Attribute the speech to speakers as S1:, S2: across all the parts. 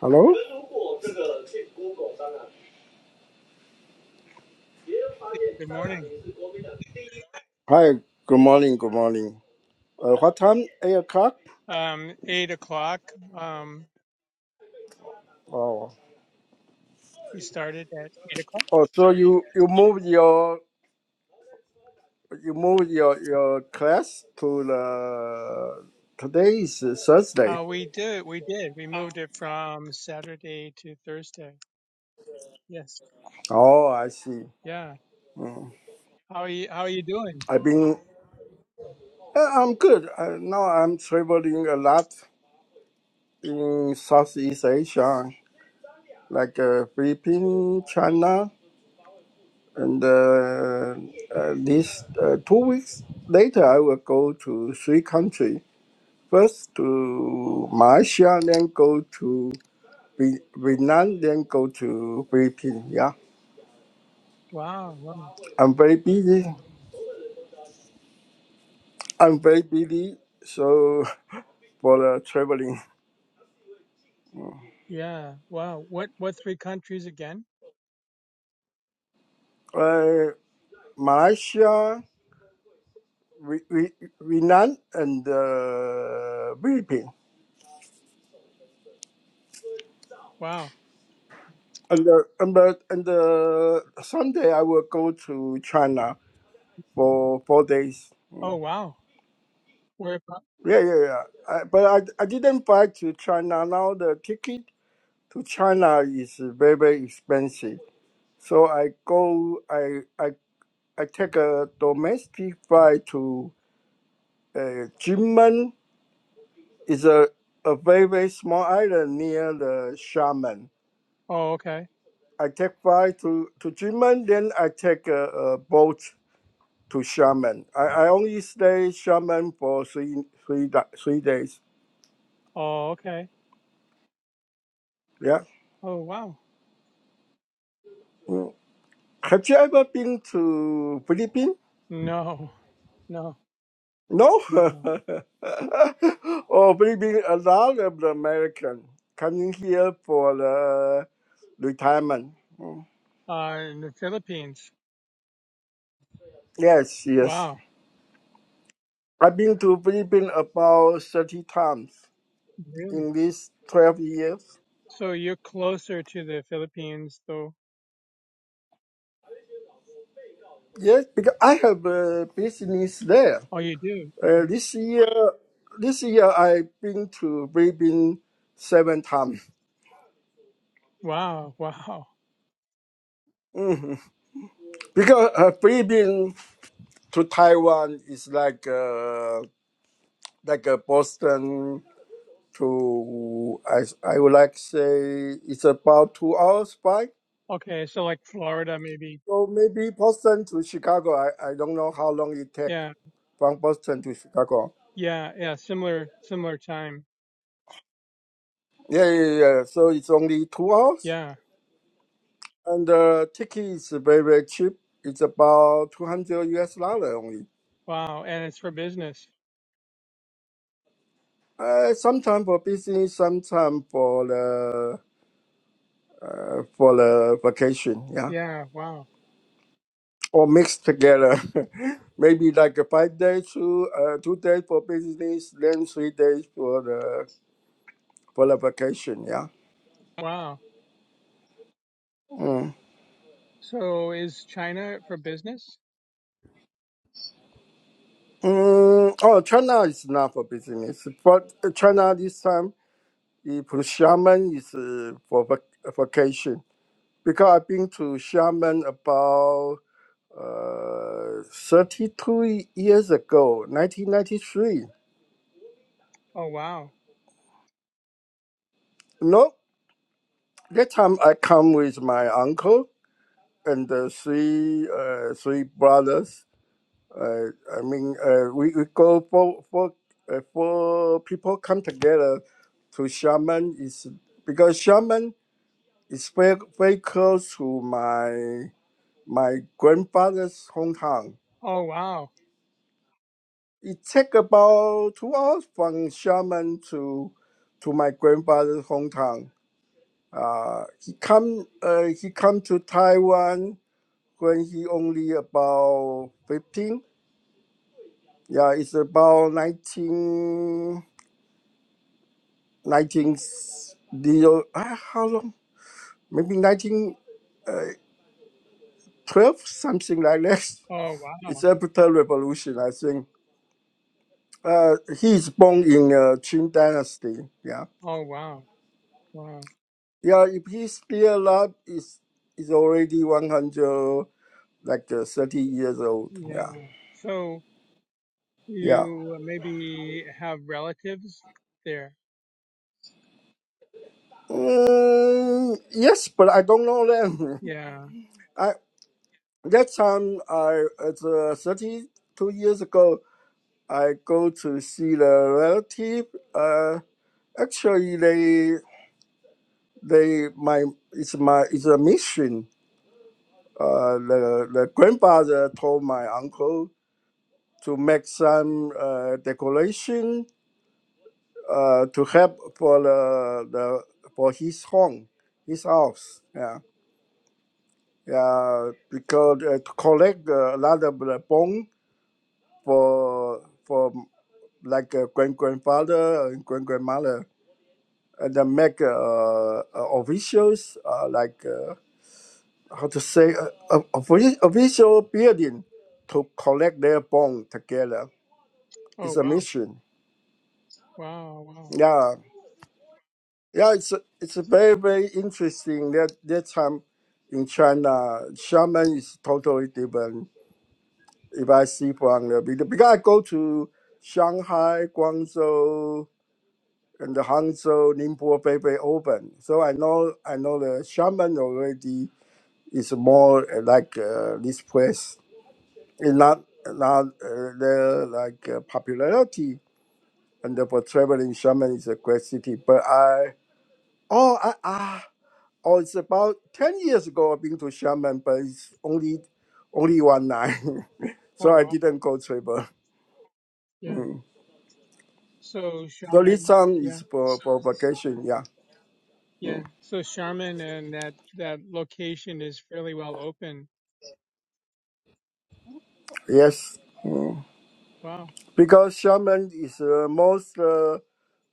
S1: Hello?
S2: Good morning.
S1: Hi, good morning, good morning. Uh, what time? Eight o'clock?
S2: Um, eight o'clock. Um,
S1: Oh.
S2: we started at eight o'clock.
S1: Oh, so you, you moved your you moved your, your class to the today is Thursday.
S2: Uh, we did. We did. We moved it from Saturday to Thursday. Yes.
S1: Oh, I see.
S2: Yeah. How are you? How are you doing?
S1: I've been uh, I'm good. Uh, now I'm traveling a lot in Southeast Asia, like uh, Philippines, China, and uh, uh, this uh, two weeks later I will go to three countries. First to Malaysia, then go to Vi- Vietnam, then go to Philippines. Yeah,
S2: Wow. Wow.
S1: I'm very busy. I'm very busy. So for the traveling,
S2: Yeah. Wow. What? What three countries again?
S1: uh, Malaysia, Vi- Vi- Vietnam, and uh, Philippines.
S2: Wow.
S1: And the, and the, and the Sunday I will go to China for four days.
S2: Oh, wow. Where? about-
S1: Yeah, yeah, yeah. I, but I, I didn't buy to China now the ticket to China is very expensive. So I go, I I, I take a domestic flight to uh, Jinmen. It's a, a very very small island near the Xiamen.
S2: Oh, okay.
S1: I take flight to to Jinmen, then I take a, a boat to Xiamen. I, I only stay Xiamen for three three da- three days.
S2: Oh, okay.
S1: Yeah.
S2: Oh, wow.
S1: Mm. Have you ever been to Philippines?
S2: No. No.
S1: No.
S2: No.
S1: or bringing a lot of the American coming here for the retirement. Mm.
S2: Uh, in the Philippines.
S1: Yes, yes.
S2: Wow.
S1: I've been to Philippines about 30 times
S2: Really?
S1: in these 12 years.
S2: So you're closer to the Philippines though
S1: Yes, because I have a business there.
S2: Oh, you do?
S1: Uh,
S2: Okay.
S1: this year, this year I've been to Philippines seven times
S2: Wow. Wow.
S1: because uh, Philippines to Taiwan is like uh, like a Boston to I I would like to say it's about two hours by.
S2: Okay. So like Florida, maybe.
S1: So maybe Boston to Chicago. I, I don't know how long it take
S2: Yeah.
S1: from Boston to Chicago.
S2: Yeah. Yeah. Similar, similar time.
S1: Yeah, yeah, yeah. So it's only two hours,
S2: Yeah.
S1: and the ticket is very very cheap. It's about two hundred US dollar only.
S2: Wow. And it's for business.
S1: Uh, sometime for business, sometime for the for the vacation. Yeah.
S2: Yeah. Wow.
S1: or mixed together. Maybe like a five days to uh, two days for business, then three days for the for the vacation. Yeah.
S2: Wow.
S1: Mm.
S2: So is China for business?
S1: Mm, oh, China is not for business, but China this time the for Xiamen is uh, for vac- vacation because I've been to Xiamen about uh, thirty two years ago, nineteen ninety three.
S2: Oh, wow.
S1: No, that time I come with my uncle and the three uh, three brothers. Uh, I mean, uh, we, we go for for uh, four people come together to shaman is because shaman is very very close to my my grandfather's hometown.
S2: Oh, wow.
S1: It take about two hours from shaman to to my grandfather's hometown. Uh, he come uh, he come to Taiwan when he only about fifteen Yeah, it's about nineteen, nineteen. 19 deal. ah, how long? Maybe 1912, something like that.
S2: Oh,
S1: It's
S2: wow.
S1: after revolution, I think. Uh, he's born in uh, Qing Dynasty. Yeah,
S2: Oh, wow. Wow.
S1: yeah. If he's still alive, is is already 100, like uh, 30 years old. Yeah,
S2: Yeah. So
S1: yeah.
S2: you maybe have relatives there.
S1: Mm, yes, but I don't know them.
S2: Yeah.
S1: I that time I it's uh, 32 years ago. I go to see the relative. Uh, actually, they they my it's my it's a mission. Uh, the the grandfather told my uncle to make some uh, decoration uh, to help for the, the for his home, his house. Yeah, yeah, because uh, to collect uh, a lot of the bone for for like a grand grandfather and grand grandmother uh, that make uh, uh, officials uh, like uh, how to say uh, uh, offici- official building to collect their bond together.
S2: Oh,
S1: It's a
S2: wow.
S1: mission.
S2: Wow. Wow.
S1: Yeah, yeah. It's it's very very interesting. That that time in China, shaman is totally different. If I see from the video, because I go to Shanghai, Guangzhou, and the Hangzhou, Ningbo, Beibei, open. So I know I know the shaman already It's more uh, like uh, this place It's not not uh, the like uh, popularity and for traveling shaman is a great city. But I oh I ah oh it's about ten years ago I've been to Shaman, but it's only only one night, so
S2: Oh,
S1: I
S2: wow.
S1: didn't go travel.
S2: Yeah. So
S1: So this
S2: shaman.
S1: song
S2: Yeah.
S1: is for, for vacation, yeah.
S2: Yeah. So Charmin and that that location is fairly well open.
S1: Yes,
S2: Wow.
S1: because Xiamen is the most uh,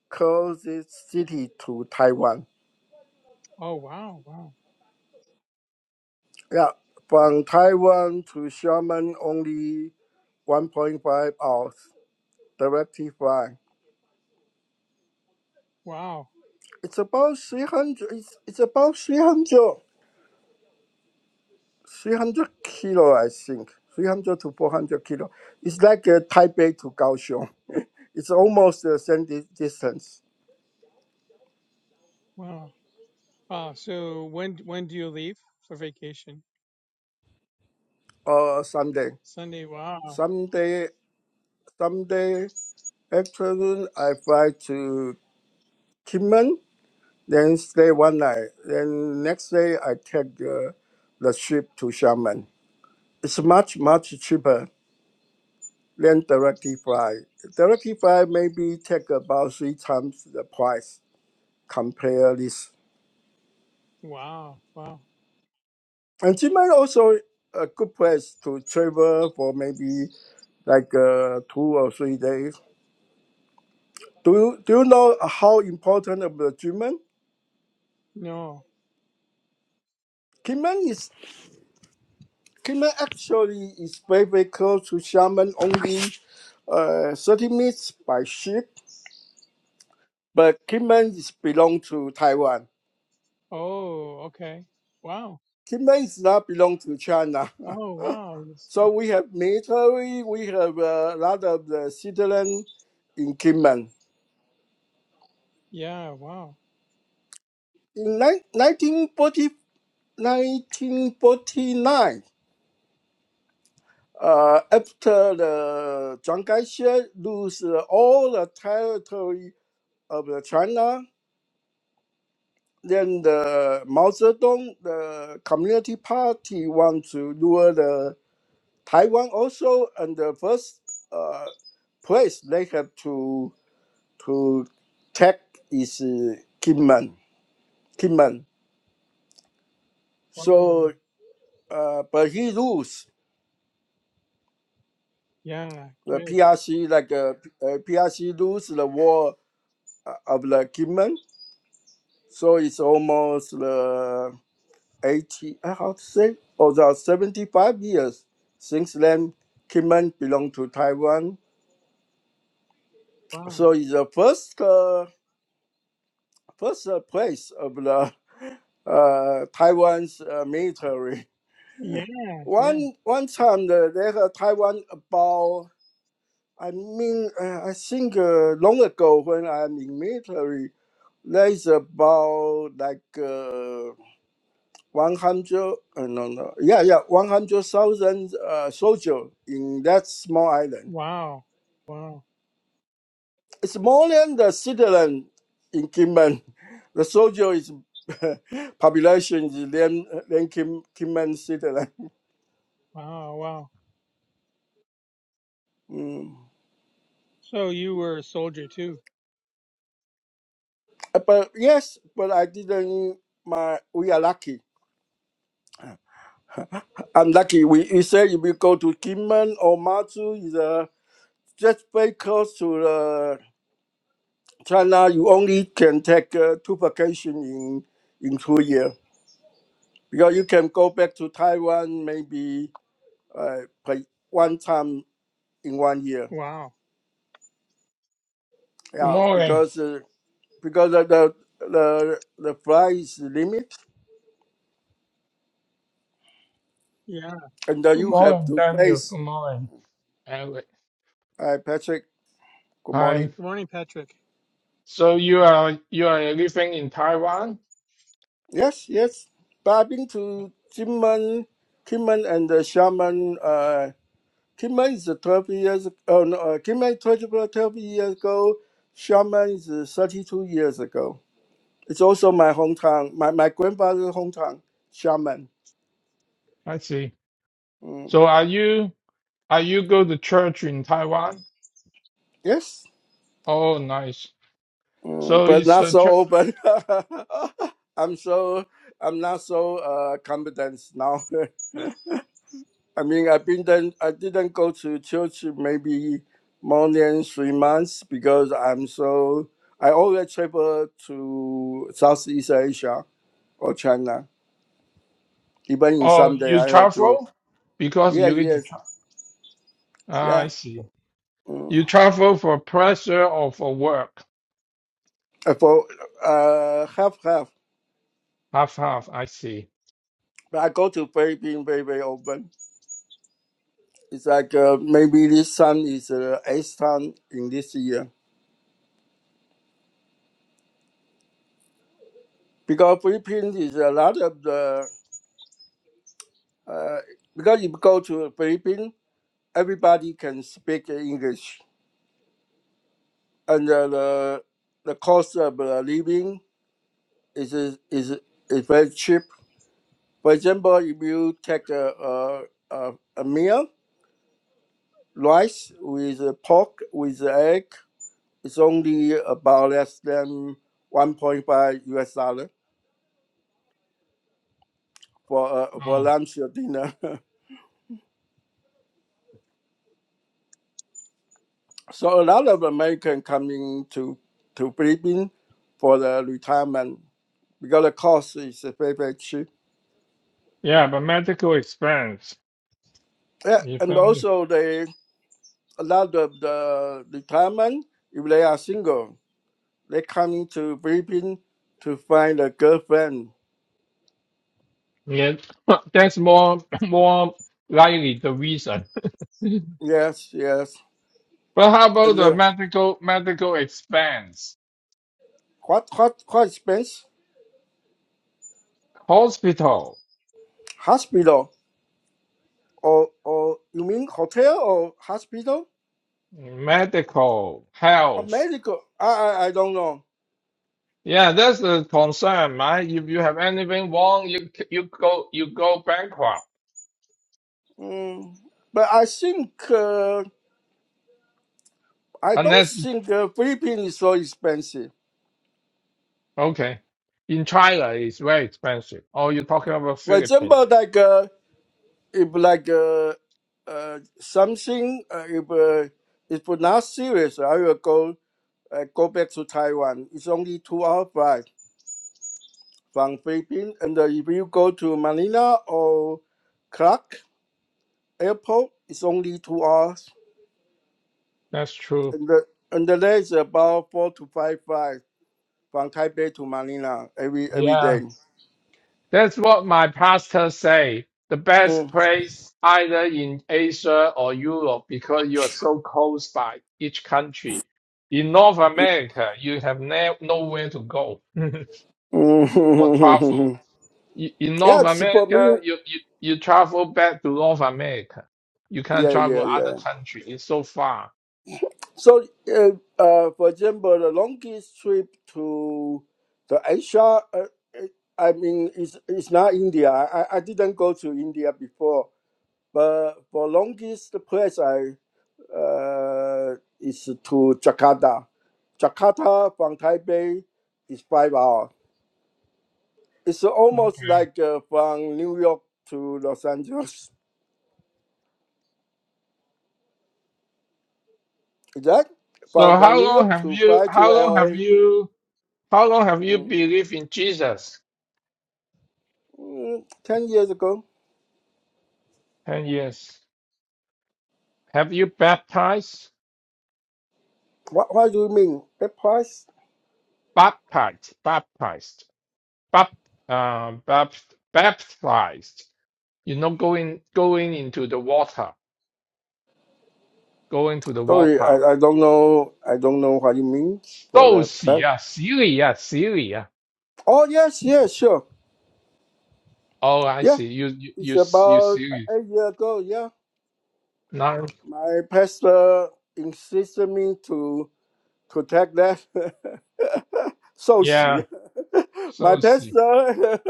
S1: closest city to Taiwan.
S2: Oh wow. Wow.
S1: Yeah, from Taiwan to Sherman, only 1.5 hours directly flying.
S2: Wow.
S1: It's about 300, it's, it's about 300, 300 kilo, I think, 300 to 400 kilo. It's like uh, Taipei to Kaohsiung. it's almost the same di- distance.
S2: Wow. Wow. So when when do you leave for vacation?
S1: Uh, someday,
S2: Sunday. Wow.
S1: someday, someday afternoon, I fly to Kinmen. Then stay one night. Then next day I take the, the ship to Xiamen. It's much much cheaper than directly fly. Directly fly maybe take about three times the price. Compare this.
S2: Wow. Wow.
S1: And Xiamen also a good place to travel for maybe like uh, two or three days. Do you, do you know how important of the Xiamen?
S2: No.
S1: Kima actually is very, very close to Xiamen, only uh, 30 minutes by ship, but Kinmen is belong to Taiwan.
S2: Oh. Okay. Wow.
S1: Kinmen is not belong to China.
S2: Oh wow. That's-
S1: so we have military, we have uh, a lot of the citizen in Kinmen.
S2: Yeah. Wow.
S1: In ni- 1940, uh, after the Chiang Kai-shek lose uh, all the territory of the China, then the Mao Zedong, the Community Party, want to rule the Taiwan also. And the first uh, place they have to to take is uh, Kinmen, Kinmen.
S2: Wow.
S1: So, uh, but he lose
S2: Yeah.
S1: the
S2: Good.
S1: PRC, like uh, uh, PRC lose the war uh, of the Kinmen. So it's almost uh, 80, I have to say, or over 75 years since then, Kinmen belonged to Taiwan.
S2: Wow.
S1: So it's the first, uh, first uh, place of the uh, Taiwan's uh, military.
S2: Yeah. Yeah.
S1: One, one time, the, they had Taiwan about, I mean, uh, I think uh, long ago when I'm in military, there's about like uh, one hundred uh, no no yeah yeah one hundred thousand uh, soldiers in that small island.
S2: Wow. Wow.
S1: It's more than the citizen in Kinmen. The soldier is population is than than Kim Kinmen citizen.
S2: Wow. Wow.
S1: Mm.
S2: So you were a soldier too.
S1: Uh, But yes, but I didn't. My we are lucky. I'm lucky. We you say if we go to Kinmen or Matsu is uh, just very close to the China. You only can take uh, two vacation in in two years Because you can go back to Taiwan maybe uh, like one time in one year.
S2: Wow.
S3: Good
S1: Yeah,
S3: morning.
S1: because uh, because of the the the flight is limit,
S2: Yeah.
S1: and then
S3: Good
S1: you have
S3: morning,
S1: to
S3: Daniel.
S1: face.
S3: Good morning, Eric.
S1: Uh, Patrick, good
S3: Hi.
S1: morning.
S2: Good morning, Patrick.
S3: So you are you are living in Taiwan?
S1: Yes, yes. But I've been to Kinmen, Kinmen and the Shaman. Uh, Kinmen is 12 years. Oh no, uh, Kinmen 12, 12 years ago. Shaman is 32 years ago. It's also my hometown, my, my grandfather's hometown, Xiamen.
S3: I see.
S1: Mm,
S3: So are you are you go to church in Taiwan?
S1: yes,
S3: Oh, nice. So
S1: mm, but
S3: it's
S1: not
S3: a
S1: so
S3: church.
S1: open. I'm so I'm not so uh, competent now. I mean, I've been then I didn't go to church maybe more than three months because I'm so I always travel to Southeast Asia or China. Even in
S3: Oh,
S1: someday
S3: you
S1: I have to.
S3: travel because
S1: Yeah,
S3: you need to.
S1: yes,
S3: Tra- Ah, I
S1: yeah.
S3: see.
S1: Mm.
S3: You travel for pleasure or for work?
S1: Uh, For uh, half half.
S3: Half half. I see.
S1: But I go to very being very very open. It's like uh, maybe this time is uh, eighth time in this year because Philippines is a lot of the uh, because if you go to Philippines, everybody can speak English, and uh, the the cost of uh, living is is is very cheap. For example, if you take a a, a, a meal, rice with uh, pork with egg it's only about less than 1.5 US dollar for a, for a
S3: Oh,
S1: lunch or dinner. so a lot of American coming to to Philippines for the retirement because the cost is very very cheap.
S3: yeah, but medical expense.
S1: Yeah,
S3: If
S1: and
S3: any,
S1: also they a lot of the retirement if they are single they coming to Philippines to find a girlfriend.
S3: yeah, that's more more likely the reason.
S1: Yes, yes.
S3: But how about
S1: And
S3: the
S1: the,
S3: medical medical expense?
S1: what what what expense?
S3: Hospital,
S1: Hospital or or you mean hotel or hospital
S3: medical,
S1: or
S3: health.
S1: medical? I I, I don't know.
S3: Yeah, that's the concern, man. If you have anything wrong, you you go you go bankrupt.
S1: Mm. But I think uh, I don't
S3: Unless
S1: think the Philippines is so expensive.
S3: okay, in China it's very expensive. Oh, you're talking about
S1: For
S3: Philippines.
S1: example, like uh, if like uh, uh, something uh, if uh, if not serious, I will go uh, go back to Taiwan. It's only two hour flight from Philippines, and uh, if you go to Manila or Clark Airport, it's only two hours.
S3: That's true.
S1: And the and the day is about four to five flights from Taipei to Manila every every
S3: Yeah.
S1: day.
S3: That's what my pastor say. The best
S1: Mm.
S3: place either in Asia or Europe because you are so close by each country. In North America, you have ne- nowhere to go or travel.
S1: Mm.
S3: Y- In North
S1: yes, for
S3: America,
S1: me.
S3: you, you, you travel back to North America. You can't
S1: Yeah, yeah,
S3: travel other
S1: yeah.
S3: country. It's so far.
S1: So, uh, uh, for example, the longest trip to the Asia, uh, uh, I mean, it's, it's not India. I, I didn't go to India before, but for longest place I uh, is to Jakarta. Jakarta from Taipei is five hours. It's almost
S3: Okay.
S1: like uh, from New York to Los Angeles. Is that
S3: So
S1: from from
S3: how
S1: New
S3: long
S1: York
S3: have
S1: to
S3: you,
S1: fly to
S3: how long have
S1: LA?
S3: you, how long have you
S1: Mm.
S3: believed in Jesus?
S1: Mm, Ten years ago.
S3: Ten years. Have you baptized?
S1: What what do you mean? The price?
S3: baptized, baptized, bap, uh, bapt, baptized. You know, going going into the water, going to the
S1: Sorry,
S3: water.
S1: I, I don't know. I don't know what it means for
S3: So
S1: the
S3: see
S1: price.
S3: yeah, yeah, yeah.
S1: Oh yes, yes, sure,
S3: Oh, I
S1: yeah.
S3: see. You you you
S1: It's
S3: s- you
S1: about
S3: silly.
S1: eight years ago. Yeah.
S3: No,
S1: My pastor insisted me to protect that
S3: yeah.
S1: sushi. My
S3: So see.
S1: pastor,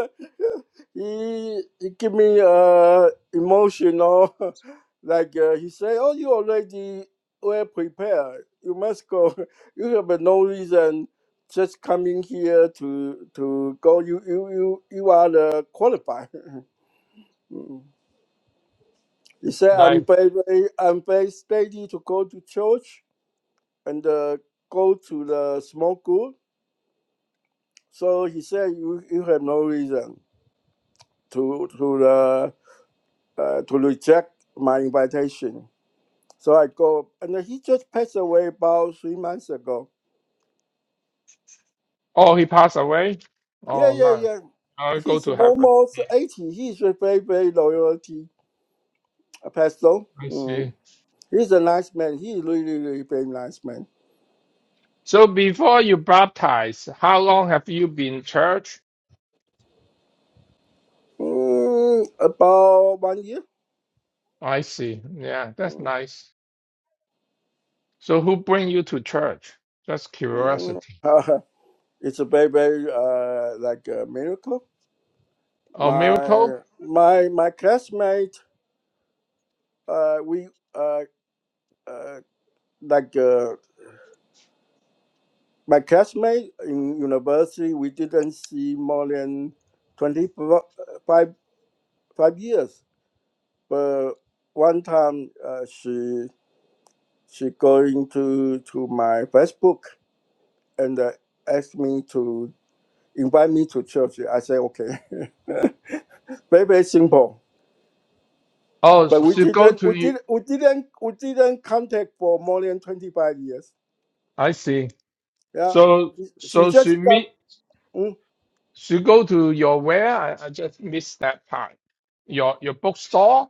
S1: he, he give me uh, emotional, like uh, he say, "Oh, you already well prepared. You must go. You have no reason just coming here to to go. You you you you are the qualified." He said,
S3: No.
S1: "I'm very, very- I'm very steady to go to church." and uh, go to the smoke group. So he said, you, you have no reason to to the, uh, to reject my invitation. So I go, and he just passed away about three months ago.
S3: Oh, he passed away.
S1: Yeah,
S3: Oh
S1: yeah,
S3: no.
S1: yeah.
S3: I go
S1: He's
S3: to heaven.
S1: almost 80. He's a very, very loyalty uh, pastor.
S3: I
S1: Mm.
S3: see.
S1: He's a nice man. He's really, really very nice man.
S3: So before you baptize, how long have you been in church?
S1: Mm, about one year.
S3: I see. Yeah, that's
S1: Mm.
S3: nice. So who bring you to church? That's
S1: Mm.
S3: curiosity.
S1: it's a very, very uh, like a miracle.
S3: A
S1: my
S3: miracle?
S1: my my classmate uh we uh, uh like uh, my classmate in university we didn't see more than 25 five five years but one time uh, she she going to to my facebook and uh, asked me to invite me to church i said okay very very simple
S3: Oh,
S1: but
S3: s-
S1: we
S3: she go
S1: didn't
S3: to
S1: we
S3: you.
S1: did we didn't we didn't contact for more than 25 years
S3: I see.
S1: Yeah,
S3: So
S1: she
S3: so she
S1: just got.
S3: meet
S1: Mm,
S3: she go to your where? I, I just missed that part. Your your bookstore?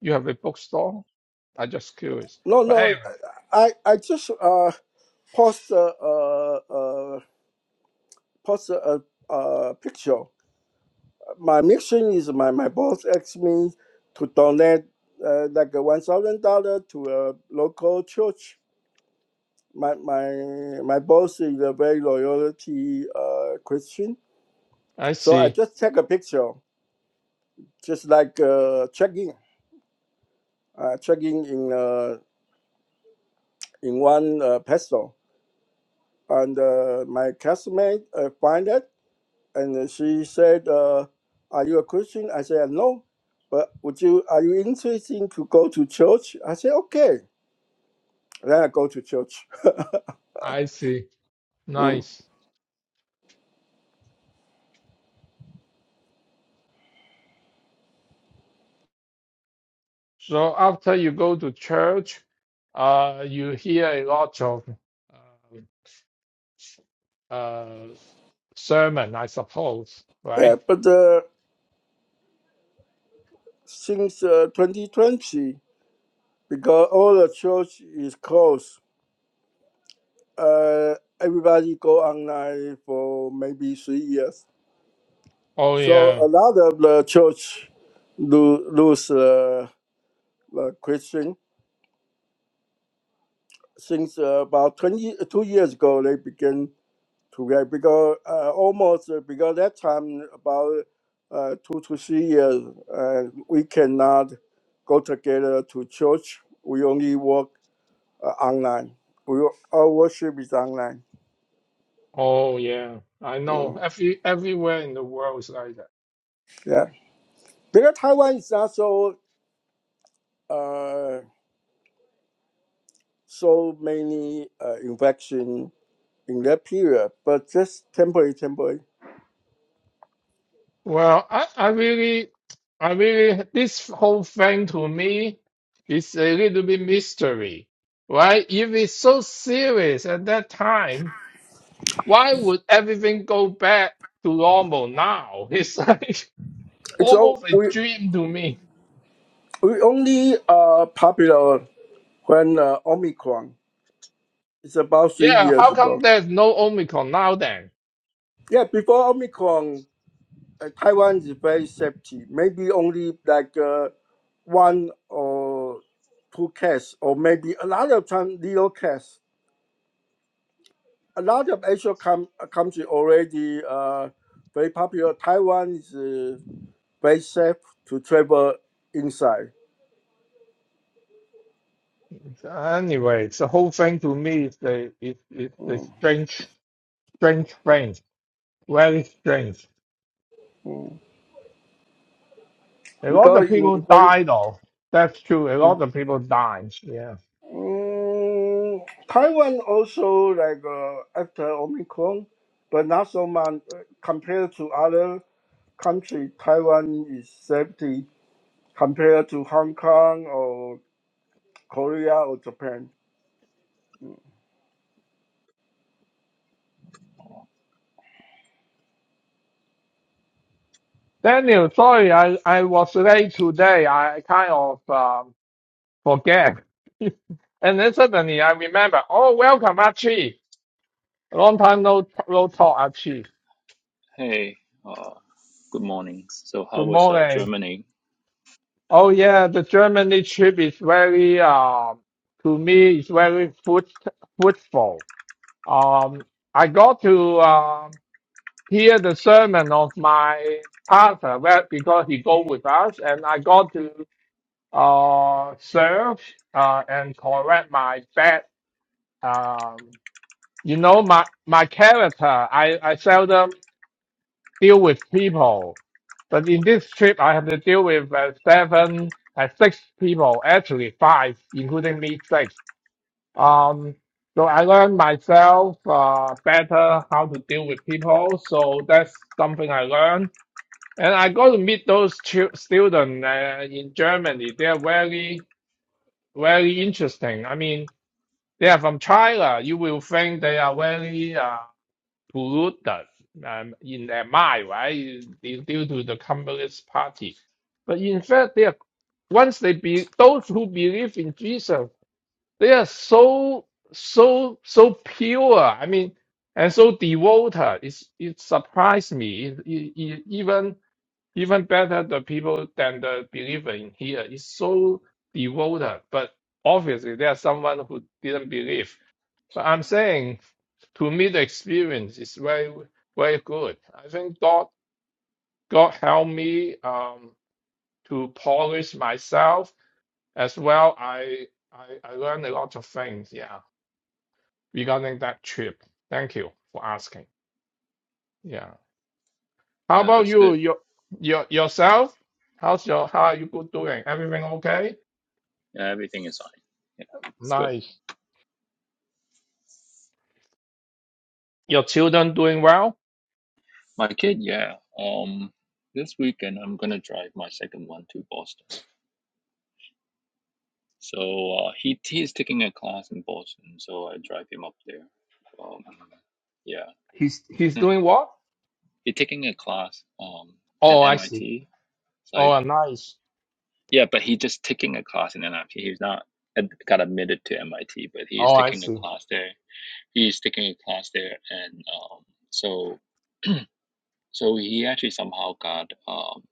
S3: You have a bookstore? I just curious.
S1: no,
S3: But
S1: no,
S3: anyway,
S1: I I just uh post a uh, uh post a, a, a picture. My mission is my my boss asked me to donate uh, like a one thousand dollar to a local church. My my my boss is a very loyalty uh Christian,
S3: I
S1: so I
S3: see.
S1: just take a picture, just like uh checking, uh checking in uh in one uh, peso. and uh, my classmate uh, find it, and uh, she said, uh, "Are you a Christian?" I said, "No." But would you? Are you interested to go to church? I said, "Okay." Then I go to church.
S3: I see.
S1: Mm.
S3: Nice. So after you go to church, uh, you hear a lot of uh, uh, sermon, I suppose,
S1: Yeah,
S3: right?
S1: but uh, since uh, 2020, because all the church is closed, uh, everybody go online for maybe three years.
S3: Oh yeah.
S1: So a lot of the church lo- lose uh, the Christian since uh, about twenty two years ago they begin to write because uh, almost uh, because that time about uh, two to three years uh, we cannot go together to church we only work uh, online we, our worship is online
S3: Oh yeah, I know.
S1: Mm,
S3: Every everywhere in the world is like that.
S1: yeah because taiwan is not so uh, so many uh, infection in that period but just temporary temporary
S3: Well, I, I really, I really, this whole thing to me is a little bit mystery, right? If it's so serious at that time, why would everything go back to normal now? It's like
S1: It's all
S3: almost a
S1: we
S3: dream to me.
S1: we only uh popular when uh, Omicron. It's about three
S3: Yeah,
S1: years
S3: how
S1: ago.
S3: come there's no Omicron now then?
S1: Yeah, before Omicron, uh, Taiwan is very safety. Maybe only like uh, one or two cases, or maybe a lot of time little cases. A lot of Asian com- uh, country already uh, very popular. Taiwan is uh, very safe to travel inside
S3: Anyway, the whole thing to me is the is is the strange strange thing. Very strange. A lot of
S1: because
S3: people
S1: in when
S3: die though. That's true. A lot of people died. Yeah.
S1: Mm, Taiwan also like uh, after Omicron, but not so much uh, compared to other country. Taiwan is safety compared to Hong Kong or Korea or Japan.
S3: Daniel, sorry, I, I was late today. I kind of um, forget. and then suddenly I remember, oh, welcome, Archie. Long time no, no talk, Archie.
S4: Hey, uh, good morning. So, how
S3: Good
S4: was uh,
S3: morning.
S4: Germany?
S3: Oh yeah, the Germany trip is very, um, to me, is very fruit, fruitful. Um, I got to, um, hear the sermon of my pastor well, because he go with us, and I got to uh, serve uh, and correct my bad. Um, you know, my my character. I I seldom deal with people, but in this trip, I have to deal with uh, seven, uh, six people. Actually, five, including me, six. Um, so I learned myself uh, better how to deal with people. So that's something I learned And I got to meet those stu- students uh, in Germany. They are very, very interesting. I mean, they are from China. You will think they are very uh, polluted um, in their mind, right? It's due to the Communist Party. But in fact, they are, once they be those who believe in Jesus, they are so, so, so pure. I mean, and so devoted. It's, it surprised me. It, it, it, even even better the people than the believer in here is so devoted, but obviously there's someone who didn't believe. But I'm saying to me the experience is very very good. I think God God helped me um to polish myself as well. I I, I learned a lot of things, yeah, regarding that trip. Thank you for asking. Yeah. How
S4: Yeah,
S3: about
S4: that's
S3: you?
S4: good.
S3: Your, your yourself? How's your how are you good doing? Everything okay?
S4: Yeah, everything is fine. Yeah, it's good.
S3: Nice. Your children doing well?
S4: My kid, yeah. Um, this weekend I'm gonna drive my second one to Boston. So uh, he he's taking a class in Boston, so I drive him up there. Um, yeah,
S3: He's he's doing what?
S4: he's taking a class um at
S3: Oh, I see.
S4: MIT. It's like
S3: Oh, nice.
S4: yeah, but he just taking a class in MIT. He's not ad- got admitted to MIT, but he is
S3: Oh, I
S4: taking a
S3: see.
S4: class there he's taking a class there, and um, so so he actually somehow got um,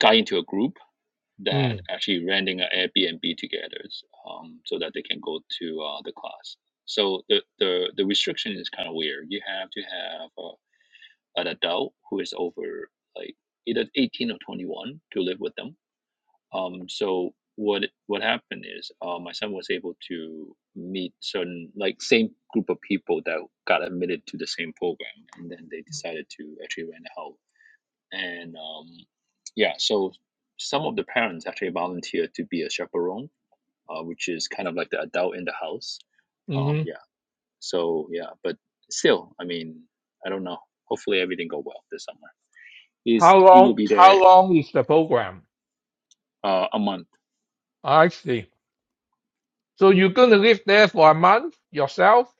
S4: got into a group that
S3: Mm,
S4: actually renting an Airbnb together, um, so that they can go to uh, the class. So the, the the restriction is kind of weird. You have to have uh, an adult who is over like either eighteen or twenty one to live with them Um, so what what happened is uh, my son was able to meet certain like same group of people that got admitted to the same program, and then they decided to actually rent a house. And um, yeah, so some of the parents actually volunteered to be a chaperone, uh, which is kind of like the adult in the house.
S3: hmm
S4: Um,
S3: Mm-hmm.
S4: yeah, so yeah, but still, I mean, I don't know. Hopefully, everything go well this summer. He's
S3: How
S4: he will
S3: long?
S4: be
S3: How
S4: there
S3: long is the program?
S4: uh, a month
S3: I see. So you're gonna live there for a month yourself?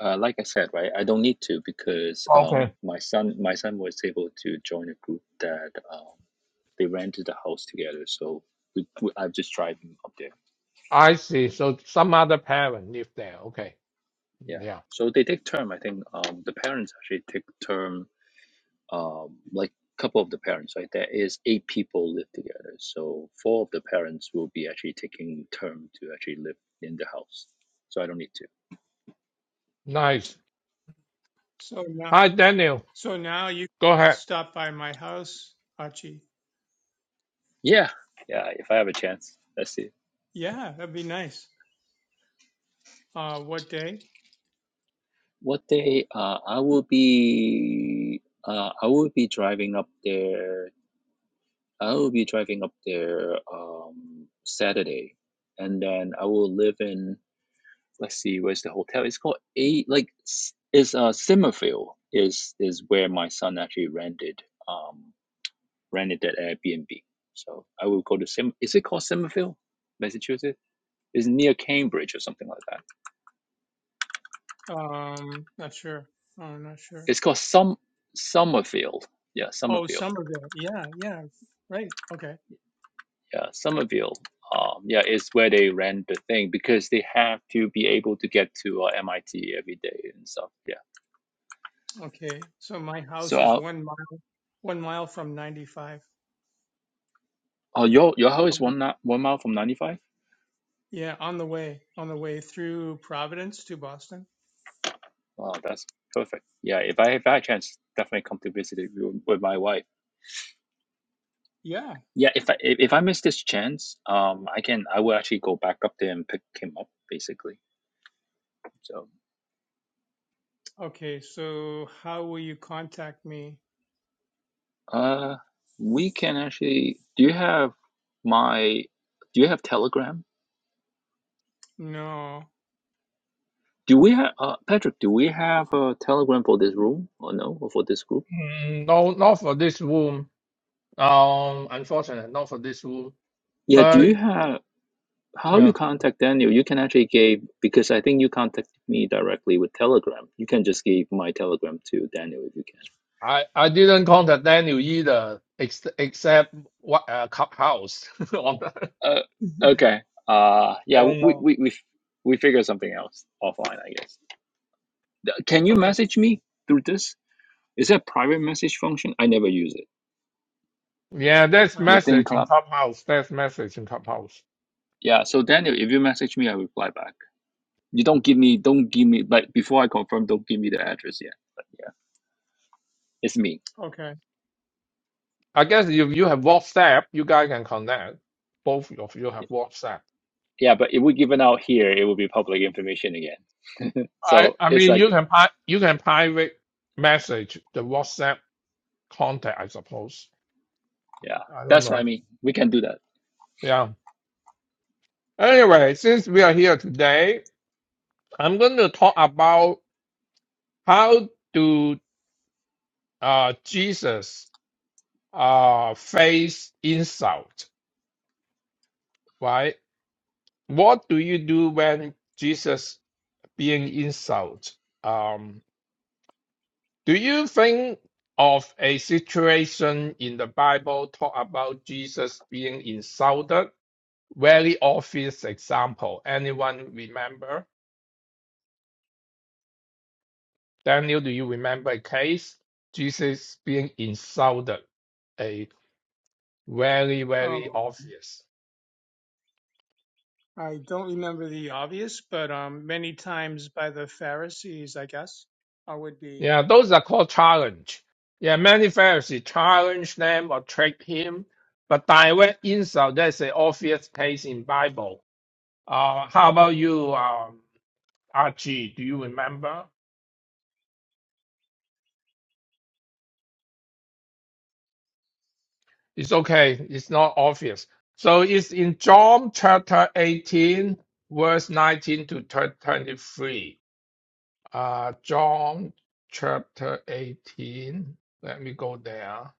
S4: Uh, like I said, right, I don't need to because um,
S3: Okay.
S4: my son, my son was able to join a group that um, they rented the house together. So we, we, I've just drive him up there.
S3: I see. So some other parent live there. Okay.
S4: Yeah.
S3: Yeah.
S4: So they take term. I think um, the parents actually take term. Um, like couple of the parents, right? There is eight people live together. So four of the parents will be actually taking term to actually live in the house. So I don't need to.
S3: Nice.
S2: So now,
S3: Hi, Daniel.
S2: so now you
S3: Go
S2: can
S3: ahead.
S2: stop by my house, Achi.
S4: Yeah. Yeah. If I have a chance, let's see.
S2: Yeah, that'd be nice. Uh, what day?
S4: What day? Uh, I will be uh, I will be driving up there. I will be driving up there um, Saturday, and then I will live in. Let's see, where's the hotel? It's called A. Like s- it's uh Simmerfield is is where my son actually rented um rented that Airbnb. So I will go to Sim. Is it called Simmerfield, Massachusetts? It's near Cambridge or something like that.
S2: Um, not sure. Oh, not sure.
S4: It's called some Summerfield. Yeah,
S2: Oh,
S4: Summerfield.
S2: Somerville. Yeah, yeah. Right. Okay.
S4: yeah, Somerville. Um, yeah, is where they ran the thing because they have to be able to get to uh, MIT every day and stuff. Yeah.
S2: Okay. So my
S4: So,
S2: house is
S4: uh,
S2: one mile, one mile from 95.
S4: oh, your your house is
S2: Um,
S4: one na- one mile from ninety five.
S2: yeah, on the way, on the way through Providence to Boston.
S4: Wow, that's perfect. Yeah, if I if I had a chance, definitely come to visit it with with my wife.
S2: Yeah.
S4: Yeah, if I if if I miss this chance, um, I can I will actually go back up there and pick him up basically. So,
S2: Okay. So how will you contact me?
S4: uh, we can actually. Do you have my? Do you have Telegram?
S2: No.
S4: Do we have uh, Patrick? Do we have a Telegram for this room or no, or for this group?
S3: Mm, no, not for this room. Um, unfortunately, not for this room.
S4: Yeah. Do
S3: But
S4: you have how
S3: yeah.
S4: you contact Daniel? You can actually give because I think you contact me directly with Telegram. You can just give my Telegram to Daniel if you can.
S3: I I didn't contact Daniel either, ex except what uh, Clubhouse. On the-
S4: Uh, okay. Uh,
S3: I
S4: yeah.
S3: don't
S4: We
S3: know.
S4: we we we figure something else offline, I guess. Uh, Can you
S2: Okay.
S4: message me through this? Is that private message function? I never use it
S3: Yeah, that's
S2: Uh,
S4: within
S3: message in
S4: Club.
S3: Clubhouse. That's message in Clubhouse.
S4: Yeah. So Daniel, if you message me, I reply back. You don't give me, don't give me, but before I confirm, don't give me the address yet. But yeah, it's me.
S2: okay.
S3: I guess if you have WhatsApp, you guys can connect. Both of you have WhatsApp.
S4: Yeah, but if we give it out here, it will be public information again.
S3: I
S4: So
S3: I
S4: it's
S3: mean,
S4: like,
S3: you can pri you can private message the WhatsApp contact, I suppose.
S4: yeah,
S3: I don't
S4: that's what I
S3: know.
S4: mean. We can do that.
S3: Yeah. Anyway, since we are here today, I'm going to talk about how do uh Jesus. uh, face insult, right? What do you do when Jesus being insulted? Um, do you think of a situation in the Bible talk about Jesus being insulted? Very obvious example. Anyone remember? Daniel, do you remember a case? Jesus being insulted. A very,
S2: Um,
S3: very obvious.
S2: I don't remember the obvious, but um, many times by the Pharisees, I guess, I would be.
S3: Yeah, those are called challenge. Yeah, many Pharisees challenge them or trick him, but direct insult, that's an obvious case in Bible. Uh, how about you, um, RG? Do you remember? It's okay. It's not obvious. So it's in John chapter 18, verse 19 to thir- 23. Uh, John chapter 18. Let me go there.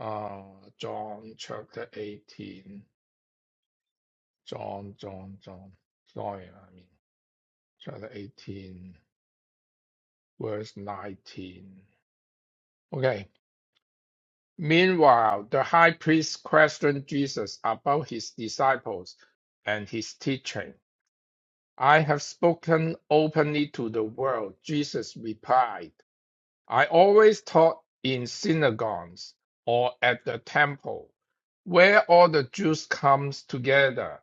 S3: Uh, John chapter 18. John, John, John. Sorry, I mean, chapter 18, verse 19. Okay. Meanwhile, the high priest questioned Jesus about his disciples and his teaching. I have spoken openly to the world, Jesus replied. I always taught in synagogues or at the temple, where all the Jews come together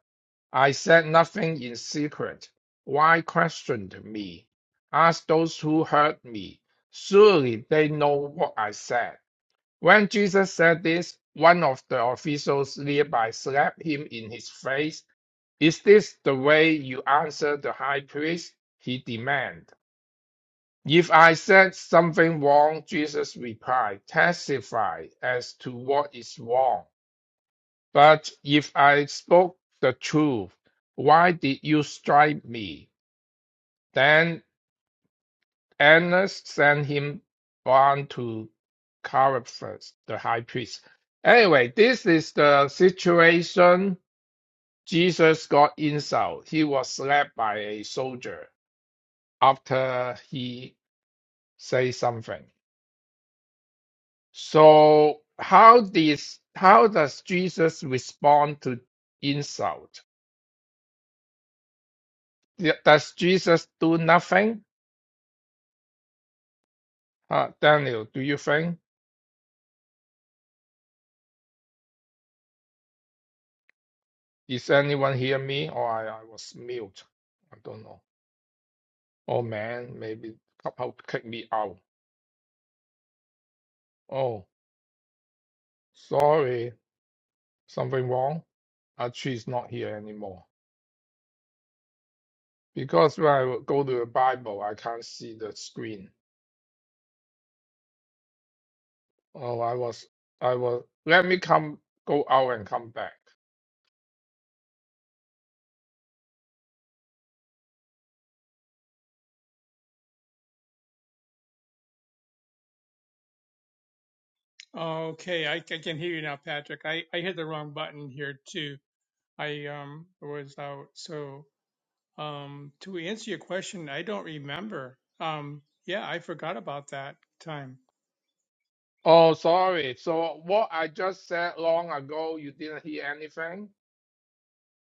S3: I said nothing in secret. Why questioned me? Ask those who heard me. Surely they know what I said. When Jesus said this, one of the officials nearby slapped him in his face. Is this the way you answer the high priest? He demanded. If I said something wrong, Jesus replied, testify as to what is wrong. But if I spoke the truth, why did you strike me? Then Annas sent him on to Caiaphas, the high priest. Anyway, this is the situation. Jesus got insult. He was slapped by a soldier after he said something. So how does how does Jesus respond to insult? Does Jesus do nothing? Uh, Daniel, do you think is anyone hear me or I, I was mute? I don't know. Oh man, maybe Clubhouse kick me out. Oh, sorry, something wrong. Actually, it's not here anymore because when I would go to the Bible, I can't see the screen. Oh, I was, I was. Let me come, go out and come back.
S2: Okay, I, I can hear you now, Patrick. I, I hit the wrong button here too. I um was out. So um, to answer your question, I don't remember. Um, yeah, I forgot about that time.
S3: Oh, sorry. So what I just said long ago, you didn't hear anything.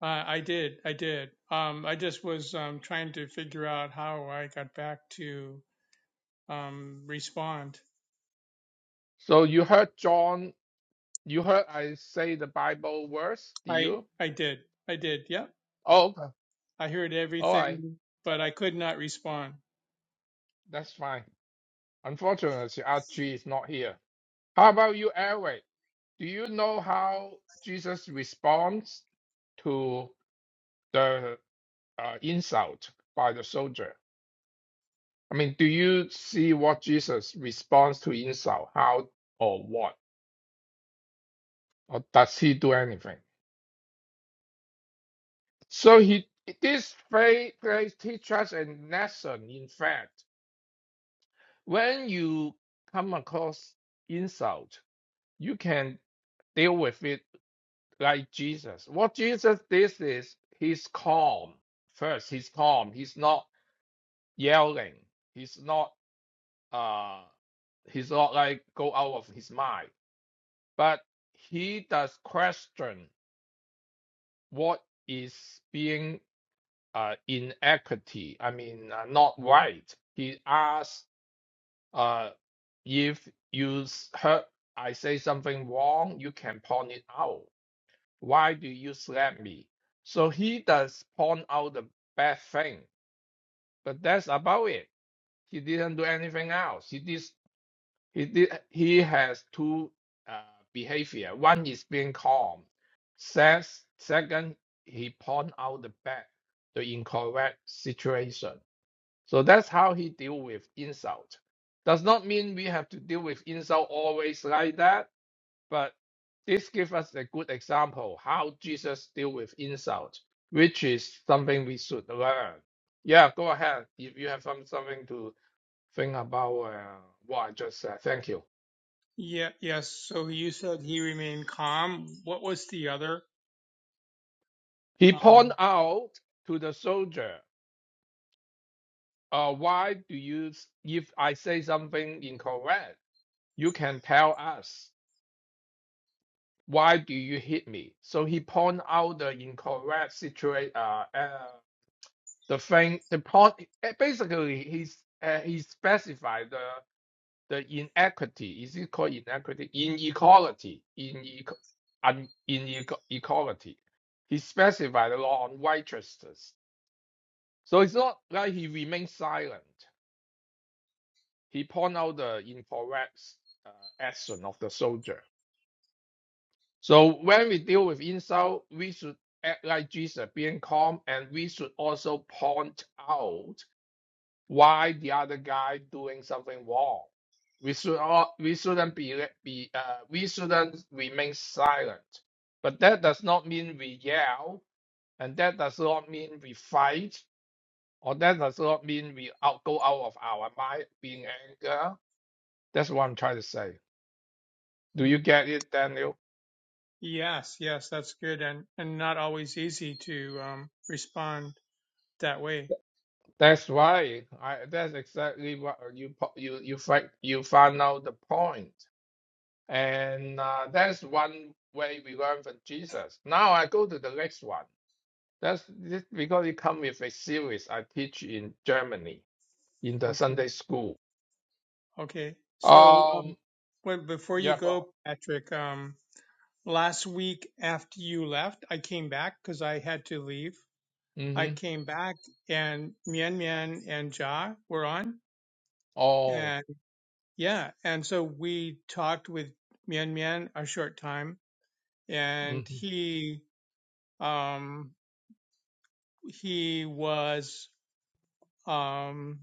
S2: Uh, I did, I did. Um, I just was um, trying to figure out how I got back to um, respond.
S3: So you heard John You heard I say the Bible verse, do
S2: I
S3: you?
S2: I did, I did. Yep.
S3: Oh, okay.
S2: I heard
S3: All right.
S2: everything, but I could not respond.
S3: That's fine. Unfortunately, RG is not here. How about you, Eric? Do you know how Jesus responds to the uh, insult by the soldier? I mean, do you see what Jesus responds to insult? How or what? Or does he do anything? So he this phrase, phrase teaches us a lesson, in fact. when you come across insult, you can deal with it like Jesus. What Jesus did is he's calm. First, he's calm. He's not yelling. He's not uh he's not like go out of his mind. But he does question what is being uh inequity. I mean uh, not right. He asks Uh, if you s- heard I say something wrong, you can point it out. Why do you slap me? So he does point out the bad thing, but that's about it. He didn't do anything else. He did. He did. He has two uh, behavior. One is being calm. Says second, he point out the bad, the incorrect situation. So that's how he deal with insult. Does not mean we have to deal with insult always like that, but this gives us a good example how Jesus deal with insult, which is something we should learn. Yeah, go ahead. If you have some something to think about uh, what I just said, thank you.
S2: Yeah, yes. So you said he remained calm. What was the other?
S3: He
S2: Um,
S3: point out to the soldier, uh, why do you, if I say something incorrect, you can tell us. why do you hit me? So he point out the incorrect situation. Uh, uh, the thing, the point. eh, Basically, he's uh, he specified the the inequity. Is it called inequity? Inequality. In in inequality. He specified the law on righteousness. So it's not like he remained silent. He point out the incorrect uh, action of the soldier. So when we deal with insult, we should act like Jesus, being calm, and we should also point out why the other guy doing something wrong. We should all, we shouldn't be be uh, we shouldn't remain silent. But that does not mean we yell, and that does not mean we fight, or that does not mean we out go out of our mind being anger. That's what I'm trying to say. Do
S2: hmm.
S3: you get it, Daniel?
S2: yes, yes, that's good, and and not always easy to um, respond that way.
S3: That's why I that's exactly what you po- you you find you found out the point, And uh, that's one way we learn from Jesus. Now I go to the next one. That's this, because it come with a series I teach in Germany in the
S2: Okay,
S3: Sunday school.
S2: okay. So um,
S3: Um
S2: when, before you
S3: yeah go
S2: go,
S3: ahead.
S2: Patrick, um, last week after you left, I came back because I had to leave. I
S3: Mm-hmm.
S2: came back, and Mian Mian and Ja were on, and.
S3: Oh
S2: Yeah, and so we talked with Mian Mian a short time, and
S3: mm-hmm.
S2: he um he was um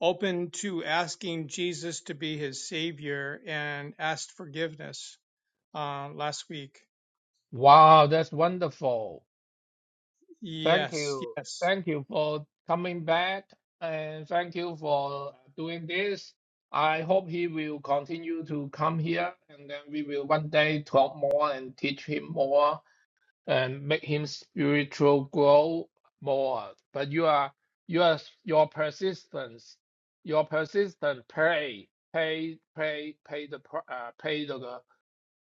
S2: open to asking Jesus to be his savior and asked forgiveness um last week.
S3: Wow, that's wonderful. Thank
S2: Yes,
S3: you.
S2: yes.
S3: Thank you for coming back and thank you for doing this. I hope he will continue to come here and then we will one day talk more and teach him more and make him spiritual grow more. But you are you are your persistence, your persistent pray, pay, pay, pay the pr- uh, pay the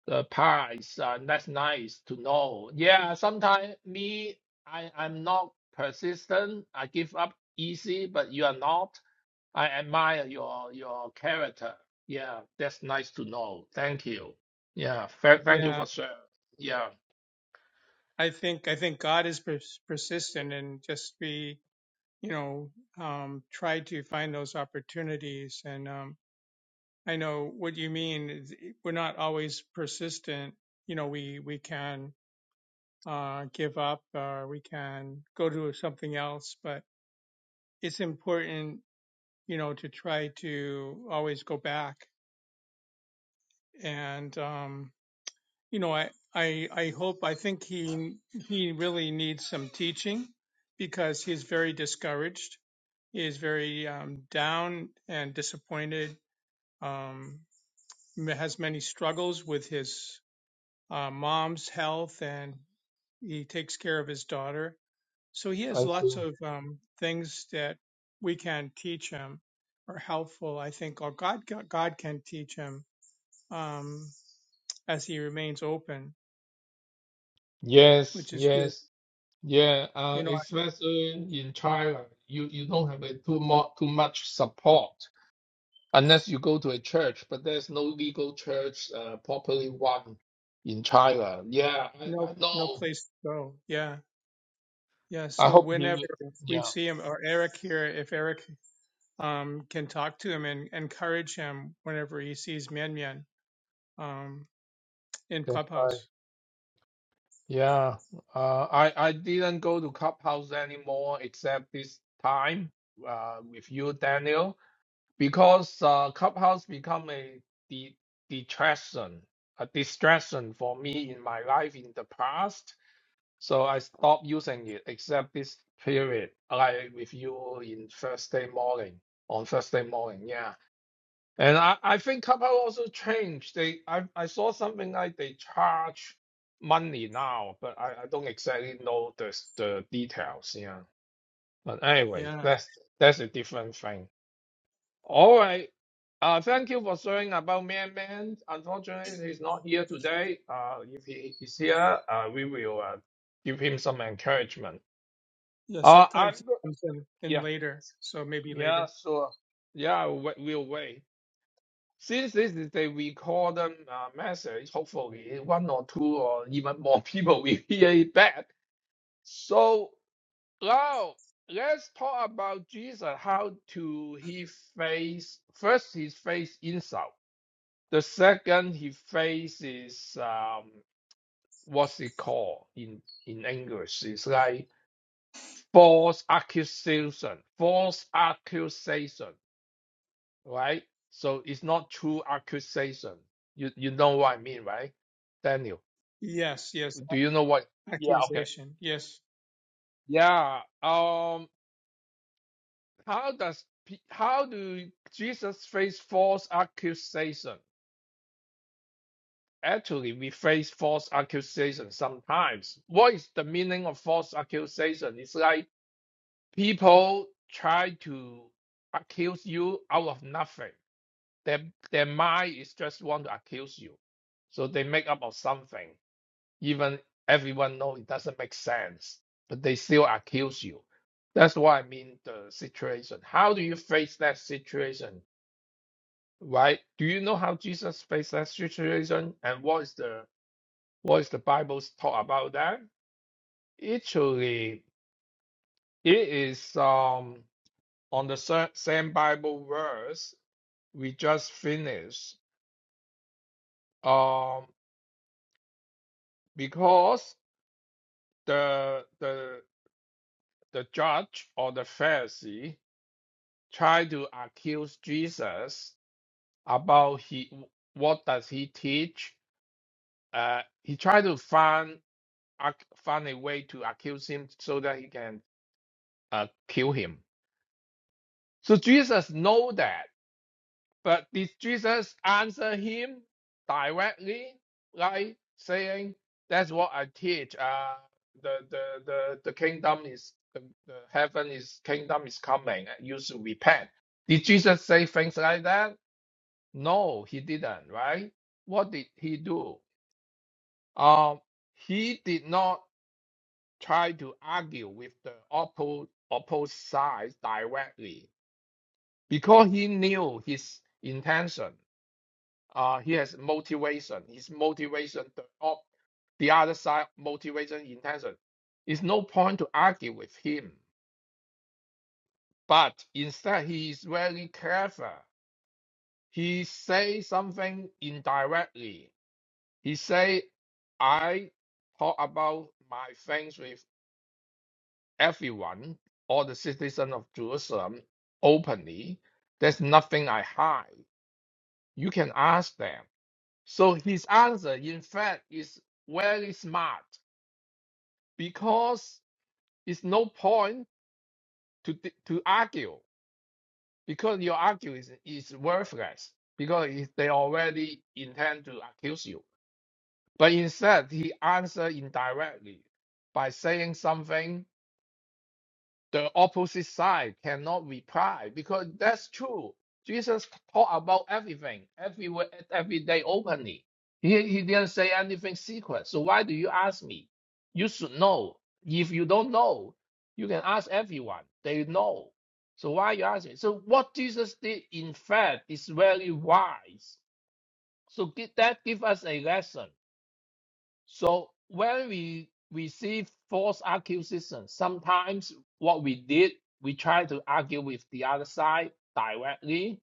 S3: the price and that's nice to know yeah sometimes me i i'm not persistent i give up easy but you are not i admire your your character yeah that's nice to know thank you yeah fa- thank you
S2: Yeah,
S3: for sharing yeah
S2: I think I think God is pers- persistent and just be, you know, um try to find those opportunities and um I know what you mean. is eh, We're not always persistent. You know, we we can uh, give up or we can go to something else, but it's important, you know, to try to always go back. And um, you know, I I I hope I think he he really needs some teaching because he's very discouraged. He is very um, down and disappointed. Um, has many struggles with his uh, mom's health and he takes care of his daughter. So he has
S3: i
S2: lots
S3: see
S2: of um, things that we can teach him are helpful, I think, or God, God can teach him um, as he remains open,
S3: yes
S2: which is good.
S3: yes yeah uh
S2: You know,
S3: especially in china you you don't have a too much too much support unless you go to a church, but there's no legal church uh, properly one in China. Yeah, I,
S2: no,
S3: I
S2: no
S3: know.
S2: place to go. Yeah. Yeah.
S3: I
S2: So
S3: hope
S2: whenever
S3: you.
S2: we
S3: Yeah,
S2: see him or Eric here, if Eric um, can talk to him and encourage him whenever he sees Mian Mian um, in
S3: that's right.
S2: Clubhouse.
S3: Yeah, uh, I I didn't go to Clubhouse anymore except this time uh, with you, Daniel, because uh, Clubhouse become a de- detraction, a distraction for me in my life in the past So I stopped using it except this period, like with you in Thursday morning, on Thursday morning, yeah. And I, I think Clubhouse also changed. They I, I saw something like they charge money now, but I, I don't exactly know the the details, yeah. But anyway,
S2: Yeah.
S3: that's that's a different thing. All right. Uh, thank you for sharing about Man Man. Unfortunately, he's not here today. Uh, if he is here, uh, we will uh, give him some encouragement.
S2: Yeah,
S3: Uh, I'm
S2: sometimes it
S3: go-
S2: comes in, in
S3: yeah,
S2: later, so maybe
S3: yeah,
S2: later.
S3: sure. Yeah, we- we'll wait. Since this is the recorded uh, message, hopefully one or two or even more people will hear it back. So now let's talk about Jesus, how to he face first he face insult. The second he faces um what's it called in in English? It's like false accusation, false accusation right? So it's not true accusation. You you know what I mean, right? Daniel,
S2: Yes, yes,
S3: do you know what?
S2: a-
S3: Yeah, okay.
S2: accusation. Yes,
S3: Yeah. Um, how does pe- how do Jesus face false accusation? Actually, we face false accusation sometimes. What is the meaning of false accusation? It's like people try to accuse you out of nothing. Their their mind is just want to accuse you. So they make up of something even everyone know it doesn't make sense, but they still accuse you. That's why I mean the situation. How do you face that situation? Right? Do you know how Jesus faced that situation and what is the what is the Bible's talk about that? Actually, it is um on the sa- same Bible verse we just finished. Um, because the the the judge or the Pharisee try to accuse Jesus about he what does he teach. Uh, he tried to find ac- find a way to accuse him so that he can uh, kill him. So Jesus know that, but did Jesus answer him directly, like saying, "That's what I teach. Uh, the, the the the kingdom is the, the heaven is kingdom is coming. You should repent." Did Jesus say things like that? No, he didn't, right? What did he do? Um, he did not try to argue with the oppo opposed side directly because he knew his intention. Uh, he has motivation. His motivation, the, op- the other side motivation, intention. It's no point to argue with him. But instead, he is very clever. He says something indirectly He said, I talk about my things with everyone, all the citizens of Jerusalem, openly. There's nothing I hide. You can ask them. So his answer, in fact, is very smart because it's no point to di- to argue because your argument is, is worthless because it- they already intend to accuse you. But instead, he answered indirectly by saying something the opposite side cannot reply because that's true. Jesus taught about everything, everywhere, every day openly. He, he didn't say anything secret. So why do you ask me? You should know. If you don't know, you can ask everyone. They know. So why you asking? So what Jesus did, in fact, is very wise. So gi- that give us a lesson so when we receive false accusation, sometimes what we did, we try to argue with the other side directly.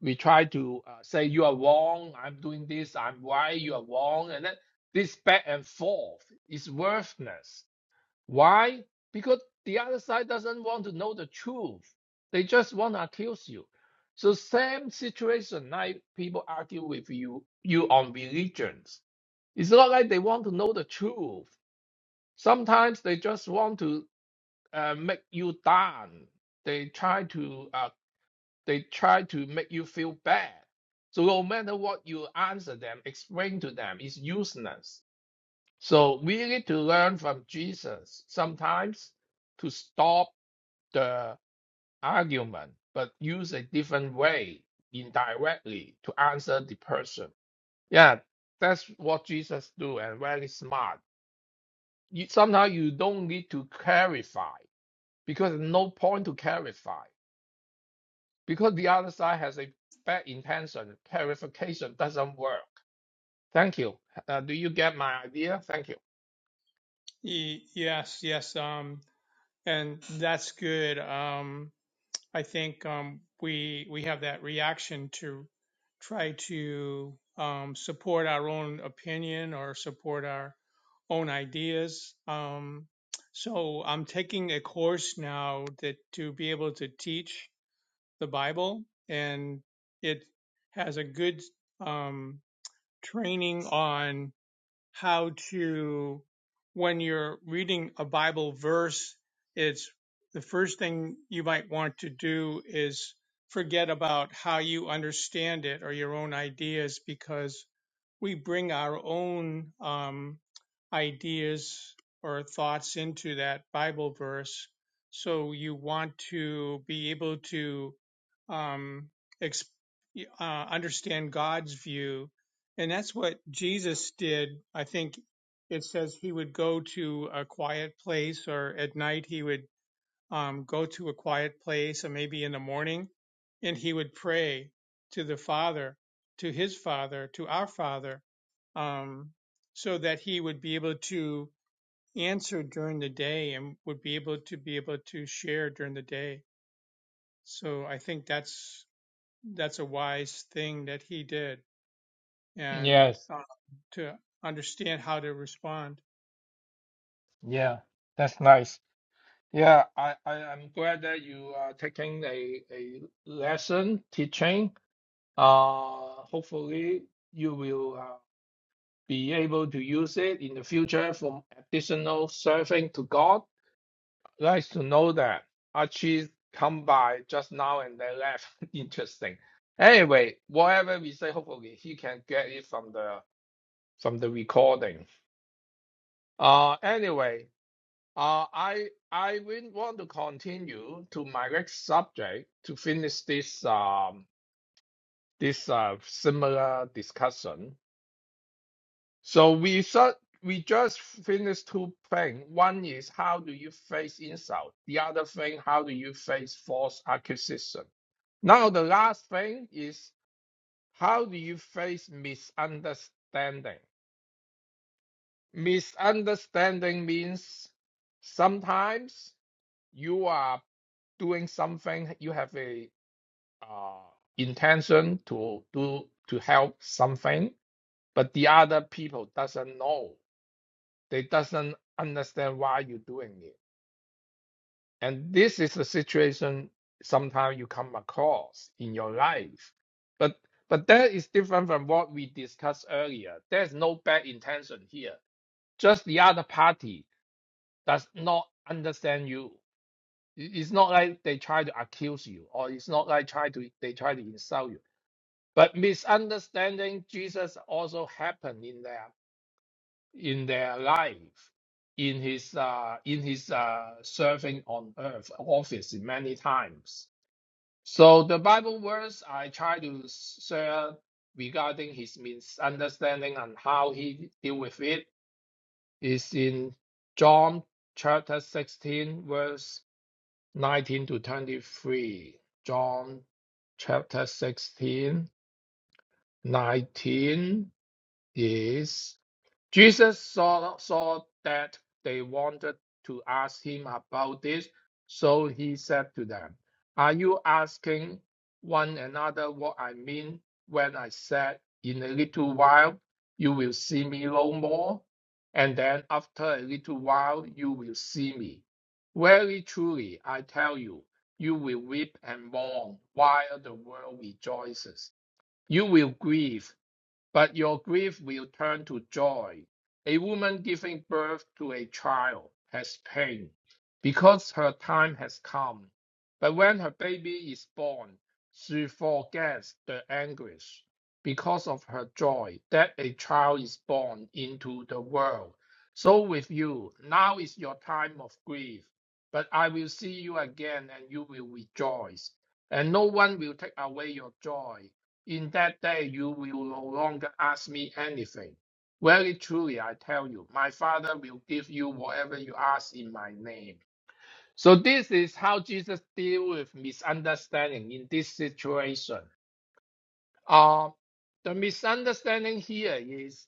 S3: We try to uh, say you are wrong. I'm doing this. I'm right. You are wrong, and then this back and forth is worthless. Why? Because the other side doesn't want to know the truth. They just want to accuse you. So same situation, like people argue with you, you on religions it's not like they want to know the truth. Sometimes they just want to uh, make you down. They try to uh, they try to make you feel bad. So no matter what you answer them, explain to them, it's useless. So we need to learn from Jesus sometimes to stop the argument, but use a different way indirectly to answer the person. Yeah, that's what Jesus do and very smart. you somehow you don't need to clarify because no point to clarify because the other side has a bad intention. Clarification doesn't work. Thank you. Uh, do you get my idea? Thank you.
S2: E- yes, yes. Um, and that's good. Um, I think um, we we have that reaction to try to um, support our own opinion or support our own ideas. Um, so I'm taking a course now that to be able to teach the Bible, and it has a good um, training on how to, when you're reading a Bible verse, it's the first thing you might want to do is forget about how you understand it or your own ideas, because we bring our own um, ideas or thoughts into that Bible verse. So you want to be able to um, ex- uh, understand God's view. And that's what Jesus did. I think it says he would go to a quiet place or at night he would um, go to a quiet place or maybe in the morning and he would pray to the father to his father to our father um, so that he would be able to answer during the day and would be able to be able to share during the day so i think that's that's a wise thing that he did and
S3: Yes,
S2: uh, to understand how to respond
S3: yeah, that's nice. Yeah, I, I I'm glad that you are taking a a lesson teaching. Uh, hopefully you will uh, be able to use it in the future for additional serving to God. Nice to know that Archie's come by just now and they left. Interesting. Anyway, whatever we say, hopefully he can get it from the from the recording. Uh anyway, uh I I will want to continue to my next subject to finish this um this uh similar discussion. So we saw, we just finished two things. One is how do you face insult? The other thing, how do you face false accusation? Now the last thing is how do you face misunderstanding? Misunderstanding means sometimes you are doing something, you have a uh, intention to do to help something, but the other people doesn't know. They doesn't understand why you're doing it. And this is the situation sometimes you come across in your life. But but that is different from what we discussed earlier. There's no bad intention here. Just the other party does not understand you. I- It's not like they try to accuse you, or it's not like try to they try to insult you. But misunderstanding Jesus also happened in there in their life, in his uh, in his uh, serving on earth office many times. So the Bible verse I try to share regarding his misunderstanding and how he deal with it is in John chapter 16 verse 19 to 23. John chapter 16 19 is Jesus saw, saw that they wanted to ask him about this, so he said to them, Are you asking one another what I mean when I said, In a little while you will see me no more, and then after a little while you will see me? Very truly, I tell you, you will weep and mourn while the world rejoices. You will grieve but your grief will turn to joy. A woman giving birth to a child has pain because her time has come. But when her baby is born, she forgets the anguish because of her joy that a child is born into the world. So with you, now is your time of grief, but I will see you again and you will rejoice, and no one will take away your joy. In that day you will no longer ask me anything. Very truly, I tell you, my Father will give you whatever you ask in my name. So, this is how Jesus deals with misunderstanding in this situation. Uh, the misunderstanding here is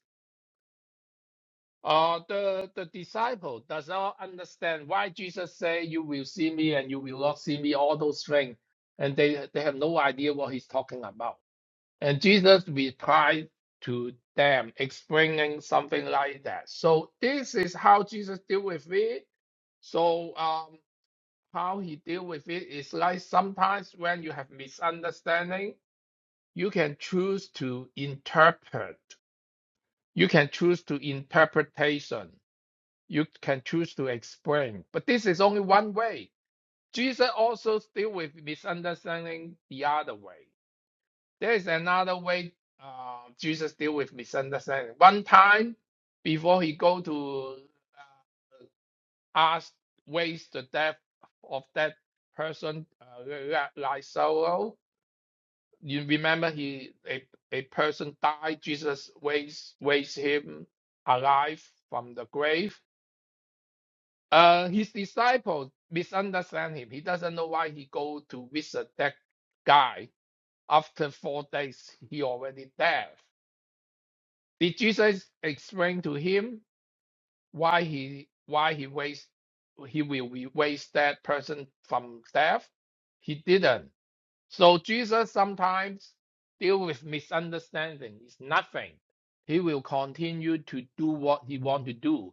S3: uh, the, the disciple does not understand why Jesus say you will see me and you will not see me, all those things. And they, they have no idea what he's talking about. And Jesus replied to them, explaining something like that. So this is how Jesus deal with it. So um, how he deal with it is like sometimes when you have misunderstanding, you can choose to interpret. You can choose to interpretation. You can choose to explain. But this is only one way. Jesus also deal with misunderstanding the other way. There is another way uh, Jesus deal with misunderstanding. One time before he go to uh, ask ways the death of that person, uh, Lazaro. You remember he a, a person died. Jesus raised raised him alive from the grave. Uh, his disciples misunderstand him. He doesn't know why he go to visit that guy after four days. He already dead. Did Jesus explain to him why he why he waste he will be waste that person from death? He didn't. So Jesus sometimes deal with misunderstanding. It's nothing. He will continue to do what he want to do.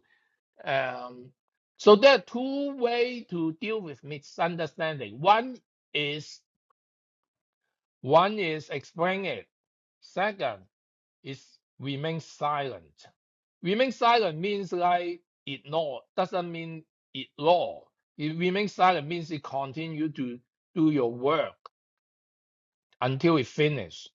S3: Um, so there are two way to deal with misunderstanding. One is one is explain it. Second is remain silent. Remain silent means like ignore, doesn't mean ignore. It remain silent means you continue to do your work until it finishes.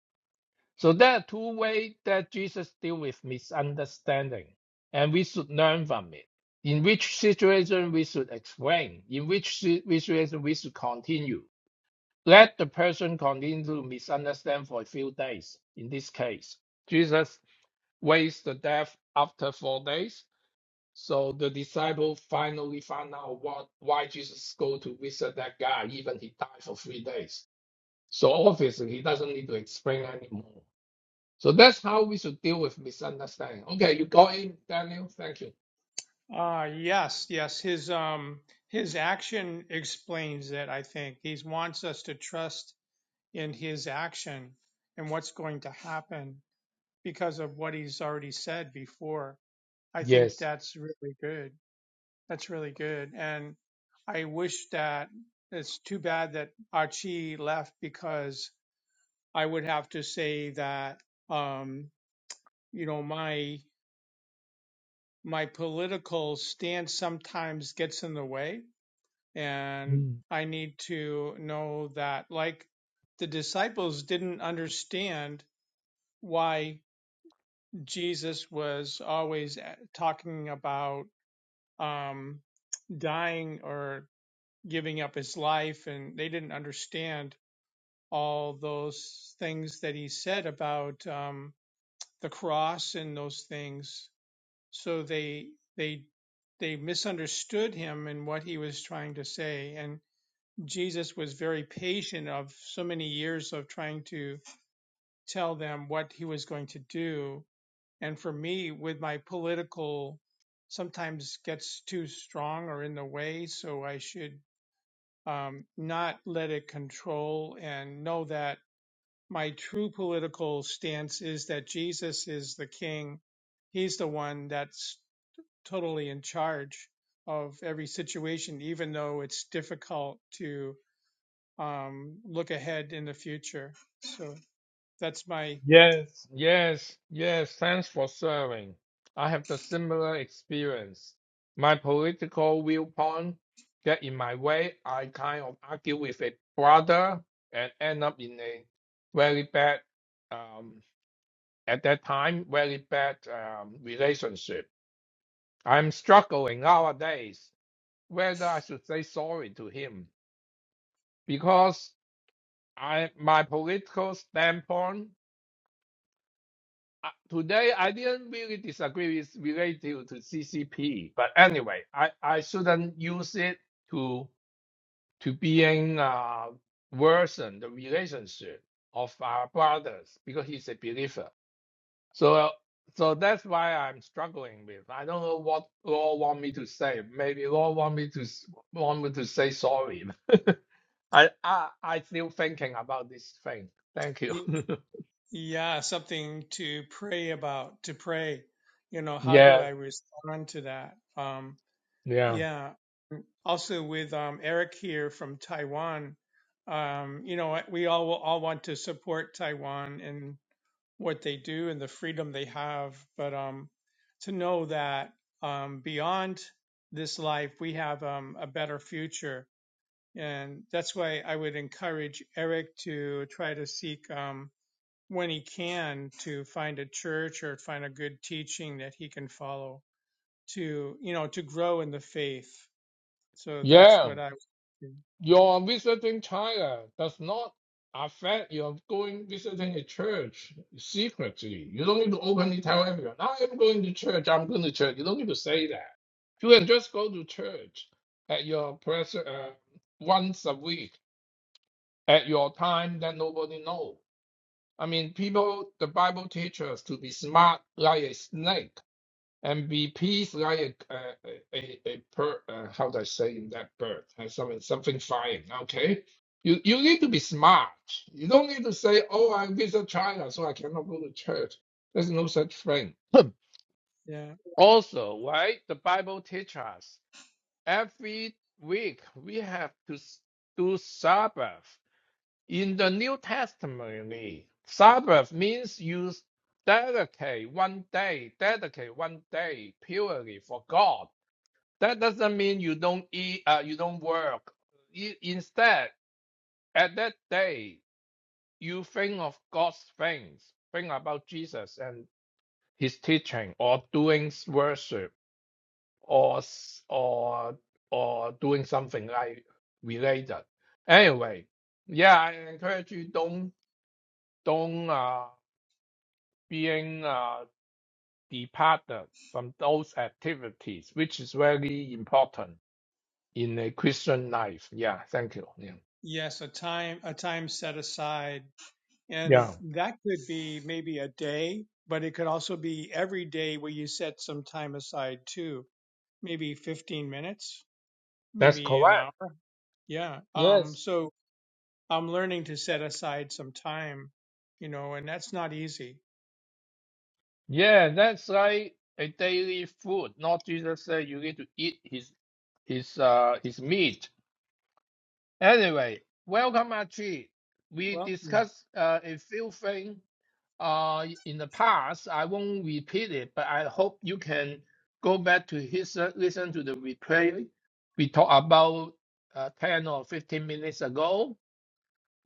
S3: So there are two ways that Jesus deal with misunderstanding, and we should learn from it. In which situation we should explain, in which si- situation we should continue. Let the person continue to misunderstand for a few days. In this case, Jesus raised the dead after four days. So the disciple finally found out what why Jesus go to visit that guy, even he died for three days. So obviously he doesn't need to explain anymore. So that's how we should deal with misunderstanding. Okay, you got in, Daniel. Thank you.
S2: Uh, yes, yes. His um his action explains it, I think. He wants us to trust in his action and what's going to happen because of what he's already said before. I think
S3: Yes.
S2: that's really good. That's really good. And I wish that it's too bad that Archie left because I would have to say that um, you know, my my political stance sometimes gets in the way And I need to know that, like the disciples didn't understand why Jesus was always eh, talking about um, dying or giving up his life, and they didn't understand all those things that he said about um, the cross and those things. So they they they misunderstood him and what he was trying to say, and. Jesus was very patient of so many years of trying to tell them what he was going to do. And for me, with my political, sometimes gets too strong or in the way. So I should um, not let it control and know that my true political stance is that Jesus is the king. He's the one that's totally in charge of every situation, even though it's difficult to um, look ahead in the future. So that's my,
S3: Yes, yes, yes. Thanks for serving. I have the similar experience. My political viewpoint get in my way. I kind of argue with a brother and end up in a very bad, um, at that time, very bad um, relationship. I'm struggling nowadays whether I should say sorry to him because I my political standpoint I- today I didn't really disagree with relative to CCP, but anyway, I, I shouldn't use it to to being uh, worsen the relationship of our brothers because he's a believer. So so that's why I'm struggling with. I don't know what Lord want me to say. Maybe Lord want me to s- want me to say sorry. I I I still thinking about this thing. Thank you.
S2: yeah, something to pray about, to pray. You know, how do
S3: yeah
S2: I respond to that? Um,
S3: yeah
S2: yeah. Also with um, Eric here from Taiwan, um, you know, we all all want to support Taiwan and what they do and the freedom they have, but um, to know that um, beyond this life, we have um, a better future And that's why I would encourage Eric to try to seek, um, when he can, to find a church or find a good teaching that he can follow to, you know, to grow in the faith. So that's
S3: yeah.
S2: what I would do.
S3: Your visiting China does not affect your going visiting a church secretly. You don't need to openly tell everyone, I'm going to church, I'm going to church. You don't need to say that. You can just go to church at your press uh, once a week at your time that nobody knows. I mean, people, the Bible teaches us to be smart like a snake. MVP is like a, a, a, a per, uh, how do I say in that bird? Uh, Something, something flying, okay? You, you need to be smart. You don't need to say, oh, I visit China, so I cannot go to church. There's no such thing.
S2: Yeah.
S3: also, right? The Bible teaches us every week we have to s- do Sabbath. In the New Testament, Sabbath means you dedicate one day, dedicate one day purely for God that doesn't mean you don't eat, uh, you don't work. You, instead, at that day, you think of God's things, think about Jesus and His teaching, or doing s- worship, or s- or or doing something like related. Anyway, yeah, I encourage you don't don't uh, being uh, departed from those activities, which is very important in a Christian life. Yeah, thank you. Yeah.
S2: Yes, a time, a time set aside. And
S3: Yeah,
S2: that could be maybe a day, but it could also be every day where you set some time aside too, maybe 15 minutes,
S3: that's
S2: maybe an
S3: correct.
S2: hour. Yeah. Um,
S3: Yes.
S2: so I'm learning to set aside some time, you know, and that's not easy.
S3: Yeah, that's like a daily food. Not Jesus said you need to eat his his uh his meat. Anyway, welcome Archie. We
S2: Welcome.
S3: discussed uh, a few things uh in the past. I won't repeat it, but I hope you can go back to his uh, listen to the replay. We talked about uh, ten or fifteen minutes ago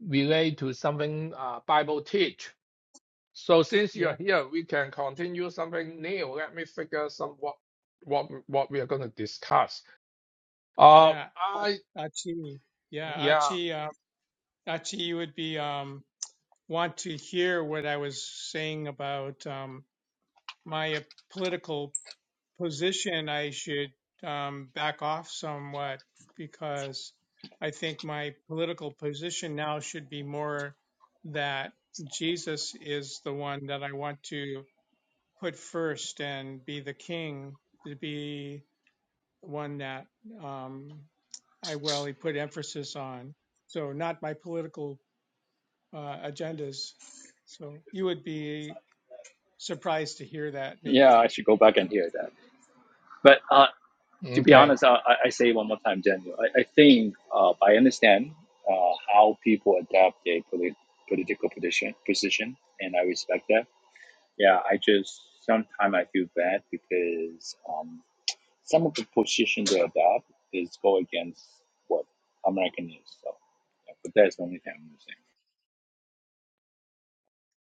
S3: relate to something uh, Bible teach. So since
S2: Yeah,
S3: you're here, we can continue something new. Let me figure some what what what we are going to discuss. Uh,
S2: yeah.
S3: I
S2: Achi. Yeah,
S3: yeah
S2: Achi. Uh, Achi, you would be um, want to hear what I was saying about um, my uh, political position. I should um, back off somewhat because I think my political position now should be more that Jesus is the one that I want to put first and be the king, to be one that um, I well he put emphasis on. So not my political uh, agendas. So you would be surprised to hear that maybe.
S4: Yeah, I should go back and hear that. But uh, to be
S3: okay
S4: honest, I, I say one more time, Daniel. I, I think uh, I understand uh, how people adapt their polit- political position, position, and I respect that. Yeah, I just sometimes I feel bad because um, some of the position they adopt is go against what American is. So, yeah, but that's the only thing I'm saying.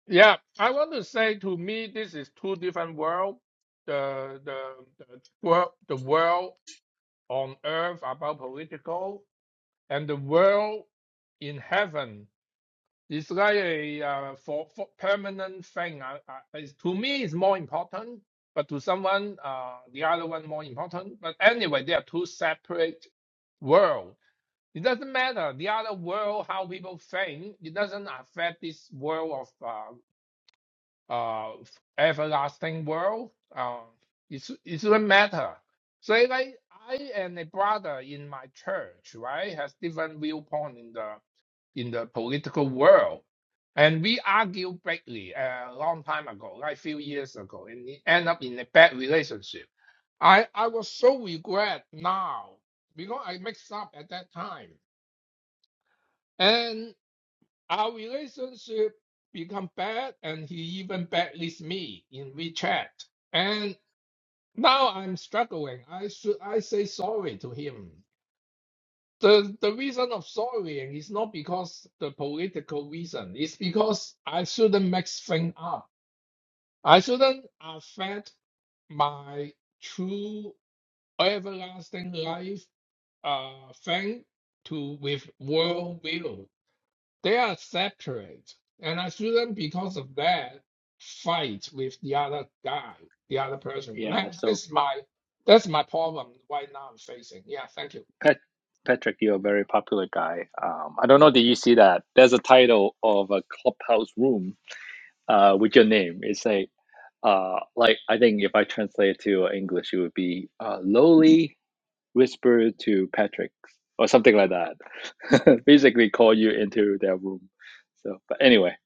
S3: yeah. I want to say to me, this is two different world. The the the world the world on earth about political and the world in heaven It's like a uh, for, for permanent thing. Uh, uh, it's, to me, it's more important, but to someone, uh, the other one more important. But anyway, they are two separate world. It doesn't matter the other world how people think. It doesn't affect this world of uh, uh, everlasting world. Uh, it's, it doesn't matter. So like I and a brother in my church, right, has different viewpoint in the in the political world. And we argued greatly uh, a long time ago, like a few years ago, and it ended up in a bad relationship. I, I was so regret now because I mixed up at that time. And our relationship become bad and he even badlists me in WeChat. And now I'm struggling. I should I say sorry to him. The the reason of sorrying is not because the political reason. It's because I shouldn't mix things up. I shouldn't affect my true everlasting life uh thing to with world will. They are separate. And I shouldn't because of that fight with the other guy, the other person.
S4: Yeah,
S3: That,
S4: so
S3: that's my that's my problem right now I'm facing. Yeah, thank you.
S4: Pat, Patrick, you're a very popular guy. Um, I don't know, did you see that? There's a title of a clubhouse room uh, with your name. It's like, uh, like I think if I translate it to English, it would be uh, lowly whisper to Patrick or something like that. Basically, call you into their room. So, but anyway,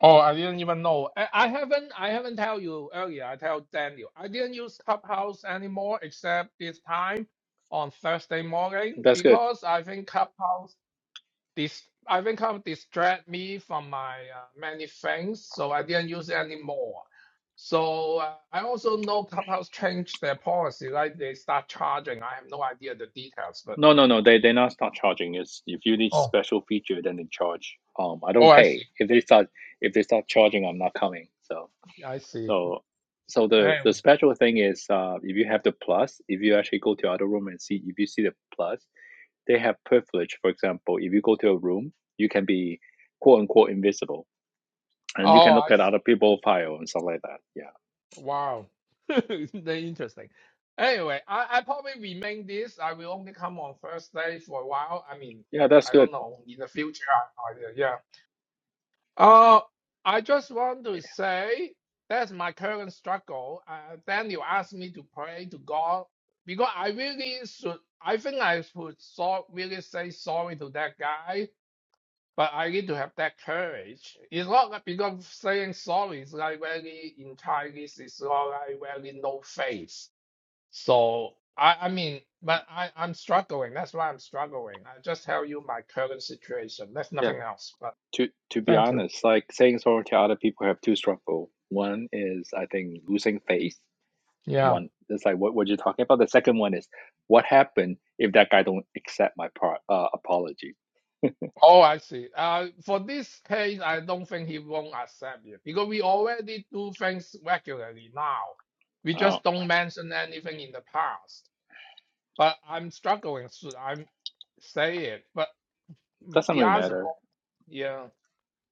S3: Oh, I didn't even know. I, I haven't I haven't tell you earlier. I tell Daniel. I didn't use Clubhouse anymore except this time on Thursday morning
S4: that's good.
S3: because I think Clubhouse this I think Clubhouse distract me from my uh, many things, so I didn't use it anymore. So uh, I also know Clubhouse changed their policy, like they start charging. I have no idea the details, but
S4: No, no, no. They they not start charging. It's if you need
S3: oh,
S4: special feature, then they charge. Um, I don't
S3: oh, I see,
S4: pay. If they start if they start charging, I'm not coming. So
S3: I see.
S4: so so the
S3: Anyway,
S4: the special thing is, uh, if you have the plus, if you actually go to other room and see, if you see the plus, they have privilege. For example, if you go to a room, you can be quote unquote invisible, and you can
S3: oh,
S4: look
S3: I see.
S4: at other people file and stuff like that. Yeah,
S3: Wow, very interesting. Anyway, I, I probably remain this. I will only come on Thursday for a while. I mean,
S4: yeah, that's
S3: I, I
S4: good.
S3: don't know in the future. I have no idea. Yeah. Uh, I just want to say that's my current struggle. Uh, Daniel asked me to pray to God because I really should. I think I should so, really say sorry to that guy but I need to have that courage. It's not like because saying sorry is like very in Chinese, it's not like very no face. So I, I mean, but I, I'm struggling. That's why I'm struggling. I just tell you my current situation. That's
S4: Yeah,
S3: nothing else. But
S4: to to be
S3: thank you.
S4: honest, like saying sorry to other people have two struggle. One is I think losing faith.
S3: Yeah.
S4: One it's like what what you're talking about. The second one is what happened if that guy don't accept my part uh, apology.
S3: Oh, I see. Uh, for this case, I don't think he won't accept it because we already do things regularly now. We
S4: Uh,
S3: just don't mention anything in the past. but I'm struggling. So I'm say it, but, but
S4: doesn't
S3: the
S4: really
S3: answer, pro-
S4: matter.
S3: yeah,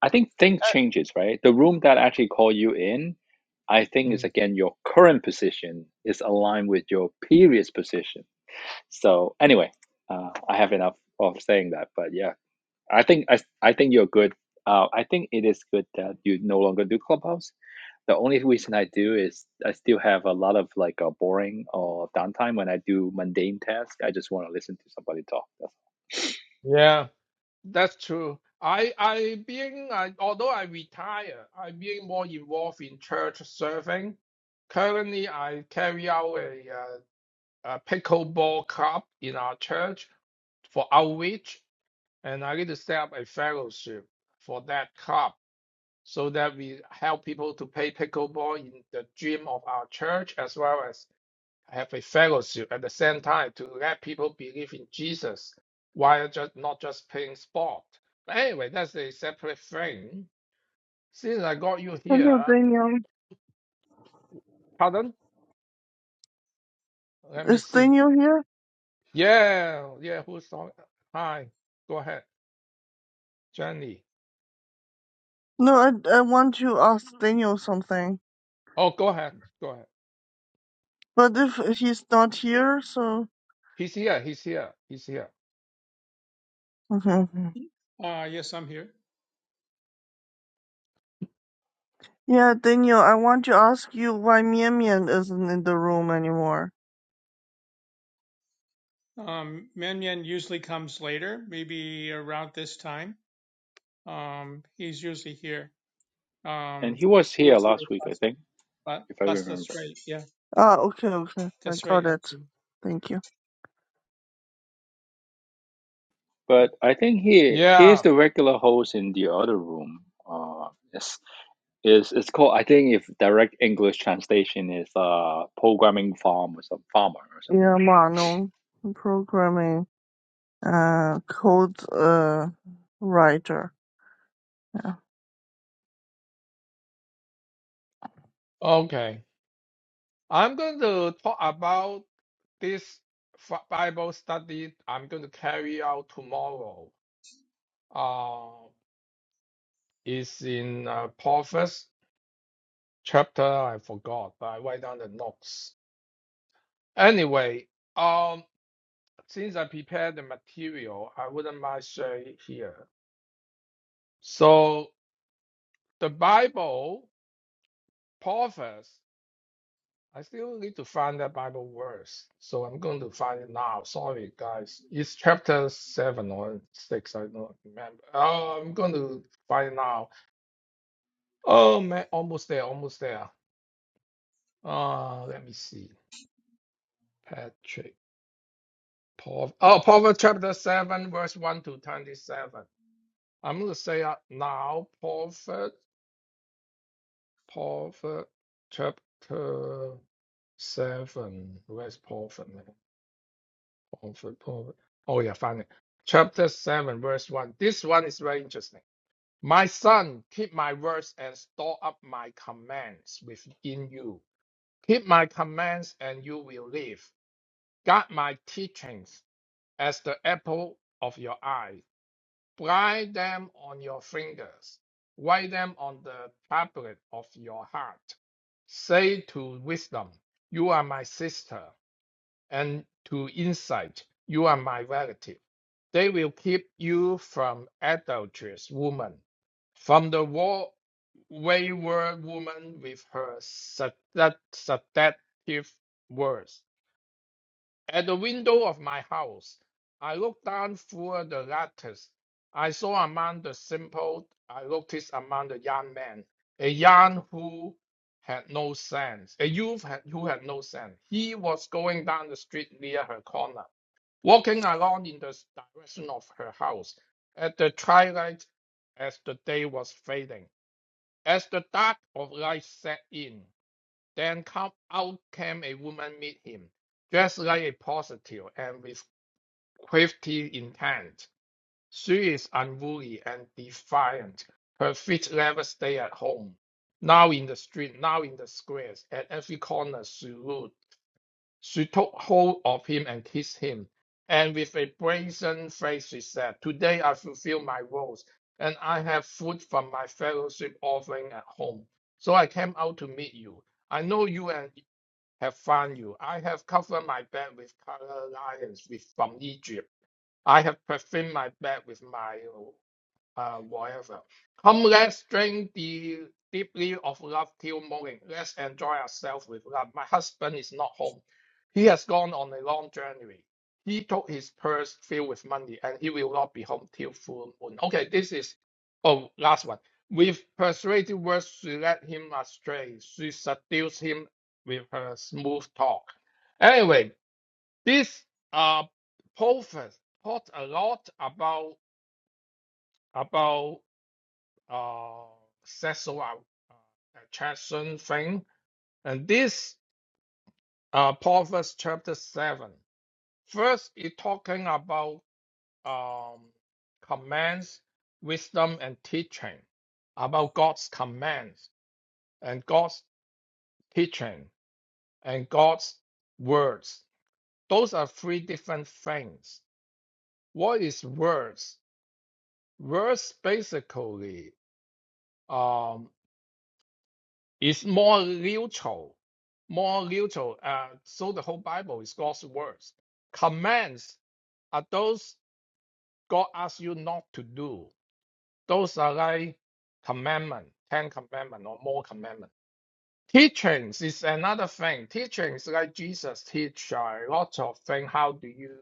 S4: I think things
S3: Uh,
S4: changes, right? The room that actually call you in, I think is
S3: mm,
S4: again your current position is aligned with your previous position. So anyway, uh, I have enough of saying that, but yeah. I think I I think you're good. Uh, I think it is good that you no longer do Clubhouse. The only reason I do is I still have a lot of like a boring or downtime when I do mundane tasks. I just want to listen to somebody talk. That's
S3: yeah, that's true. I I being I, although I retire, I'm being more involved in church serving. Currently, I carry out a, uh, a pickleball club in our church for outreach, and I need to set up a fellowship for that club so that we help people to play pickleball in the gym of our church as well as I have a fellowship at the same time to let people believe in Jesus while just not just playing sport. But anyway, that's a separate thing. Since I got you
S5: Hello,
S3: here,
S5: Daniel.
S3: pardon? Let me
S5: Is
S3: see.
S5: Daniel here?
S3: Yeah, yeah, who's talking? Hi, go ahead, Jenny.
S5: No, I, I want to ask Daniel something.
S3: Oh, go ahead, go ahead.
S5: But if he's not here, so.
S3: He's here, he's here, he's here.
S5: Mhm.
S2: Uh, yes, I'm here.
S5: yeah, Daniel, I want to ask you why Mian Mian isn't in the room anymore.
S2: Um, Menyen usually comes later, maybe around this time. Um, he's usually here.
S4: And
S2: Um,
S4: he was
S2: he
S4: here
S2: was here
S4: last week, I
S2: last,
S4: think,
S2: la-
S4: if I
S2: last
S4: remember.
S2: that's right. Yeah,
S5: Ah, okay, okay. I
S2: that's right,
S5: got it.
S2: actually.
S5: Thank you.
S4: But I think he he's
S3: Yeah,
S4: the regular host in the other room. Uh, it's, it's, it's called I think if direct English translation is uh programming farm or some farmer or something
S5: Yeah,
S4: like that.
S5: Manon, programming, uh, code, uh, writer.
S3: okay. I'm going to talk about this fi- Bible study I'm going to carry out tomorrow. Uh. Is in uh, Paul chapter. I forgot, but I write down the notes. Anyway, um, since I prepared the material, I wouldn't mind sharing it here. So the Bible, Proverbs, I still need to find that Bible verse, so I'm going to find it now. Sorry, guys. It's chapter seven or six. I don't remember. Oh, I'm going to find it now. Oh man, almost there, almost there. Uh, let me see. Patrick. Pro- oh, Proverbs chapter 7, verse 1 to 27. I'm going to say out now, Proverbs, Proverbs chapter 7. Where's Proverbs? Proverbs, Proverbs. Oh, yeah, find it. Chapter 7, verse 1. This one is very interesting. My son, keep my words and store up my commands within you. Keep my commands and you will live. Guard my teachings as the apple of your eyes. Bind them on your fingers, write them on the tablet of your heart. Say to wisdom, You are my sister, and to insight, You are my relative. They will keep you from adulterous woman, from the wa- wayward woman with her seductive words. At the window of my house, I looked down through the lattice. I saw among the simple, I noticed among the young men, a young who had no sense, a youth had, who had no sense. He was going down the street near her corner, walking along in the direction of her house. At the twilight, as the day was fading, as the dark of light set in. Then come out came a woman meet him, dressed like a prostitute and with crafty intent. She is unruly and defiant. Her feet never stay at home. Now in the street, now in the squares, at every corner she ruled. She took hold of him and kissed him. And with a brazen face she said, Today I fulfill my vows, and I have food from my fellowship offering at home. So I came out to meet you. I know you and have found you. I have covered my back with colored lions with, from Egypt. I have perfumed my back with my uh, whatever. Come, let's drink the deeply of love till morning. Let's enjoy ourselves with love. My husband is not home. He has gone on a long journey. He took his purse filled with money, and he will not be home till full moon. Okay, this is oh last one. With persuasive words, she led him astray. She seduced him with her smooth talk. Anyway, this uh proverb taught a lot about about uh, sexual uh, attraction thing. And this uh, Proverbs chapter 7. First, it's talking about um, commands, wisdom, and teaching, about God's commands and God's teaching and God's words. Those are three different things. What is words? Words basically um. It's more neutral, more neutral. Uh, so the whole Bible is God's words. Commands are those God asks you not to do. Those are like commandment, ten commandment or more commandment. Teachings is another thing. Teachings like Jesus teach a lot of things. How do you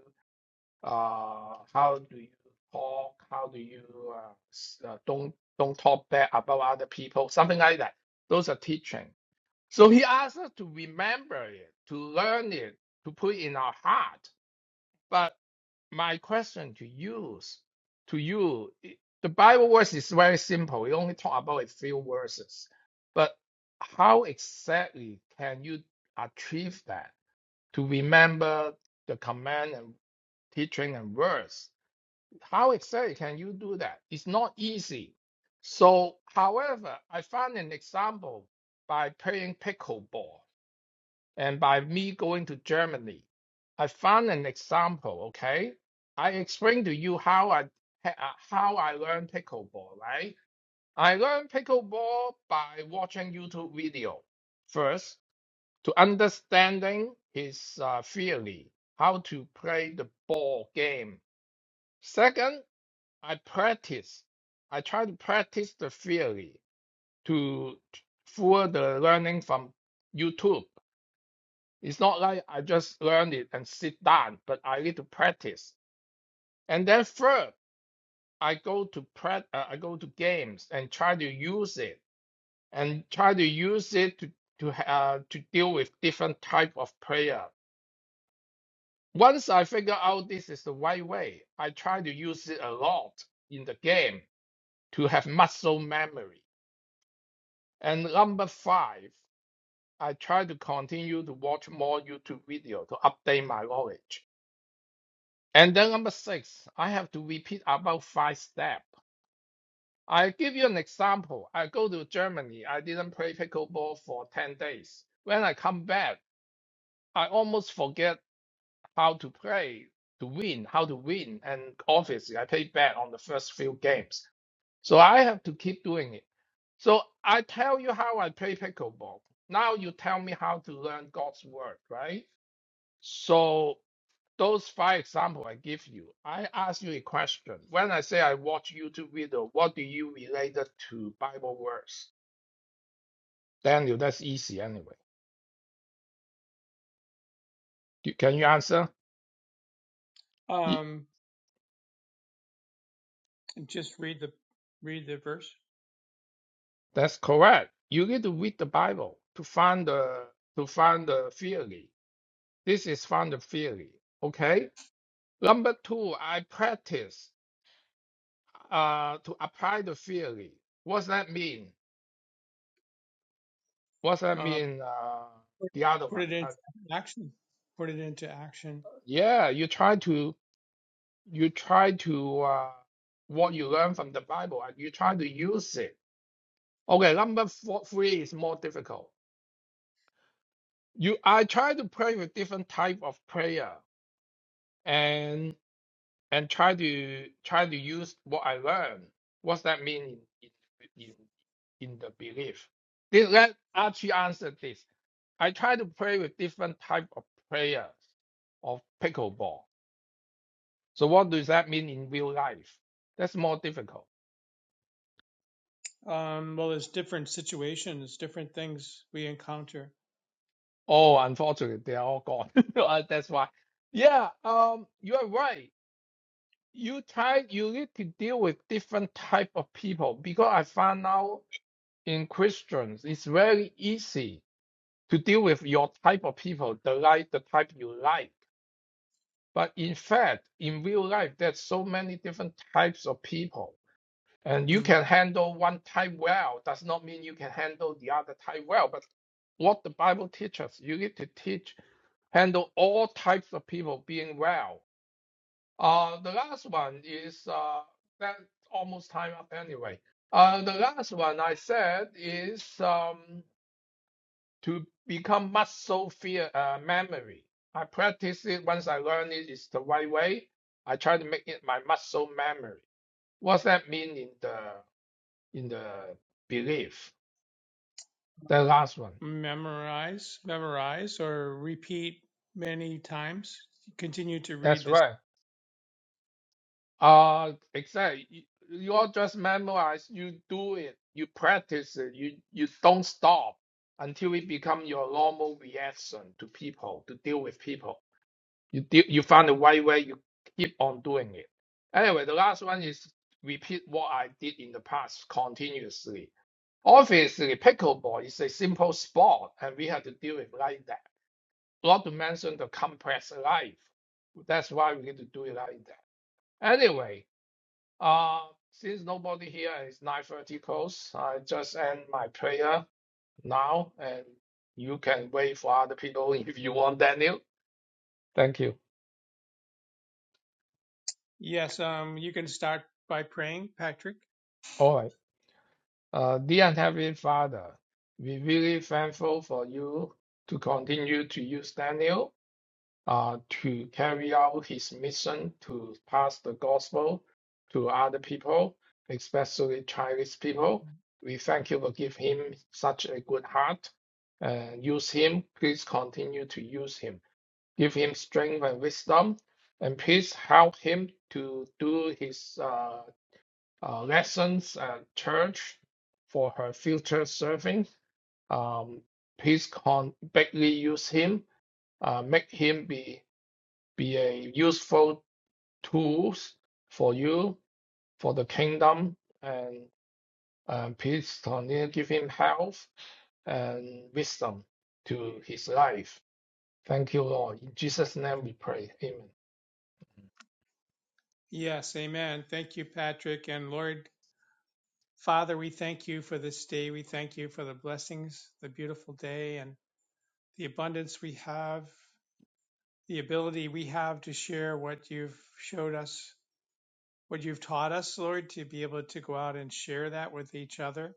S3: uh how do you talk? How do you uh, s- uh, don't don't talk bad about other people? Something like that. Those are teaching. So he asked us to remember it, to learn it, to put in our heart. But my question to you, is- to you, i- the Bible verse is very simple. We only talk about a few verses. But how exactly can you achieve that? To remember the command and teaching and words. How exactly can you do that? It's not easy. So, however, I found an example by playing pickleball and by me going to Germany. I found an example, okay? I explained to you how I ha- uh, how I learned pickleball, right? I learned pickleball by watching YouTube video first to understanding his uh, theory, how to play the ball game. Second, I practice. I try to practice the theory to for the learning from YouTube. It's not like I just learn it and sit down, but I need to practice. And then third, I go to prac uh, I go to games and try to use it and try to use it to to uh, to deal with different type of player. Once I figure out this is the right way, I try to use it a lot in the game to have muscle memory. And number five, I try to continue to watch more YouTube video to update my knowledge. And then number six, I have to repeat about five steps. I give you an example. I go to Germany. I didn't play pickleball for 10 days. When I come back, I almost forget how to play, to win, how to win. And obviously, I played bad on the first few games. So I have to keep doing it. So I tell you how I play pickleball. Now you tell me how to learn God's word, right? So those five examples I give you, I ask you a question. When I say I watch YouTube video, what do you relate it to Bible verse? Daniel, that's easy anyway. You- Can you answer? Ye-
S2: Um, and just read the read the verse.
S3: That's correct. You need to read the Bible to find the to find the theory. This is find the theory. Okay. Number two, I practice uh, to apply the theory. What's that mean? What's that
S2: uh,
S3: mean? Uh,
S2: put,
S3: the other
S2: put
S3: one.
S2: it
S3: Uh,
S2: into action. Put it into action.
S3: yeah, you try to you try to uh, what you learn from the Bible and you try to use it. Okay, number four, three is more difficult. You I try to pray with different type of prayer and and try to try to use what I learn. What's that mean in in in, the belief? This let Archie answer this. I try to pray with different type of prayer of pickleball. So what does that mean in real life? That's more difficult.
S2: Um, well, there's different situations, different things we encounter.
S3: Oh, unfortunately, they are all gone. Uh, That's why. Yeah, um, you are right. You try, you need to deal with different type of people because I found out in Christians, it's very easy to deal with your type of people, the like the type you like. But in fact, in real life, there's so many different types of people, and you
S2: Mm.
S3: can handle one type well. Does not mean you can handle the other type well. But what the Bible teaches, you need to teach handle all types of people being well. Uh, the last one is uh, that almost time up anyway. Uh, the last one I said is um, to become muscle fear uh, memory. I practice it once I learn it, it's the right way. I try to make it my muscle memory. What's that mean in the in the belief? The last one.
S2: Memorize, memorize, or repeat many times. Continue to read
S3: That's
S2: this.
S3: right. Uh, exactly. You you all just memorize, you do it, you practice it, you you don't stop until it become your normal reaction to people, to deal with people. You deal, you find a way where you keep on doing it. Anyway, the last one is repeat what I did in the past continuously. Obviously, pickleball is a simple sport, and we have to deal with like that. Not to mention the complex life. That's why we need to do it like that. Anyway. Uh, since nobody here and it's 9:30 close, I just end my prayer now, and you can wait for other people if you want, Daniel. Thank you.
S2: Yes, um, you can start by praying, Patrick.
S3: All right. Uh, dear Heavenly Father, we're really thankful for you to continue to use Daniel uh, to carry out his mission to pass the gospel to other people, especially Chinese people. We thank you for giving him such a good heart. Uh, use him. Please continue to use him. Give him strength and wisdom, and please help him to do his uh, uh, lessons at church for her future serving. Um, please con- use him. Uh, make him be be a useful tools for you for the kingdom and um, please continue give him health and wisdom to his life. Thank you, Lord. In Jesus' name we pray. Amen.
S2: Yes, amen. Thank you, Patrick. And Lord, Father, we thank you for this day. We thank you for the blessings, the beautiful day, and the abundance we have. the ability we have to share what you've showed us, what you've taught us, Lord, to be able to go out and share that with each other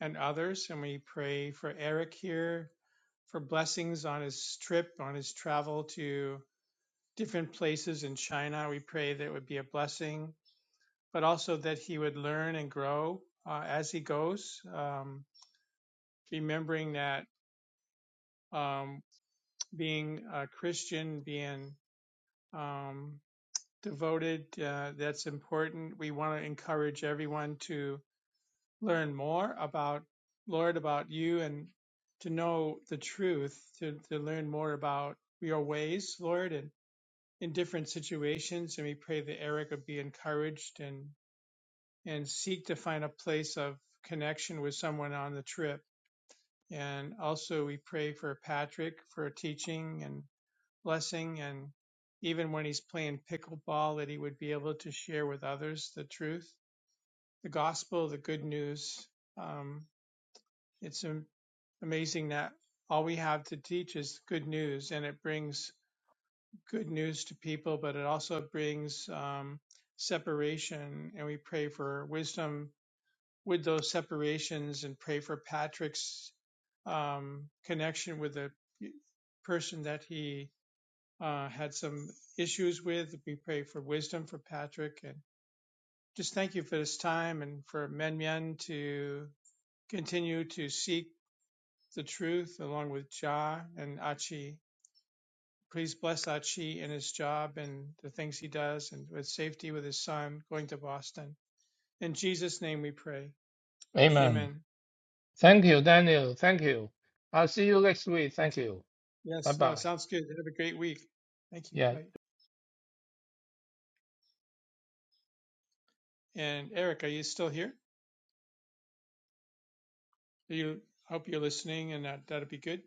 S2: and others. And we pray for Eric here for blessings on his trip, on his travel to different places in China. We pray that it would be a blessing, but also that he would learn and grow uh, as he goes, um, remembering that um, being a Christian, being um, devoted. Uh, that's important. We want to encourage everyone to learn more about Lord, about you, and to know the truth, to, to learn more about your ways, Lord, and in different situations. And we pray that Eric would be encouraged and and seek to find a place of connection with someone on the trip. And also, we pray for Patrick for teaching and blessing and even when he's playing pickleball that he would be able to share with others the truth the gospel the good news um, it's am- amazing that all we have to teach is good news and it brings good news to people but it also brings um, separation and we pray for wisdom with those separations and pray for patrick's um, connection with the person that he uh, had some issues with. We pray for wisdom for Patrick and just thank you for this time and for Men Myen to continue to seek the truth along with Ja and Achi. Please bless Achi in his job and the things he does and with safety with his son going to Boston. In Jesus' name we pray.
S3: Amen.
S2: Amen.
S3: Thank you, Daniel. Thank you. I'll see you next week. Thank
S2: Yes,
S3: you. Bye
S2: Yes, no,
S3: bye.
S2: sounds good. Have a great week. Thank you.
S3: Yeah.
S2: Bye. And Eric, are you still here? Are you I hope you're listening and that that'll be good.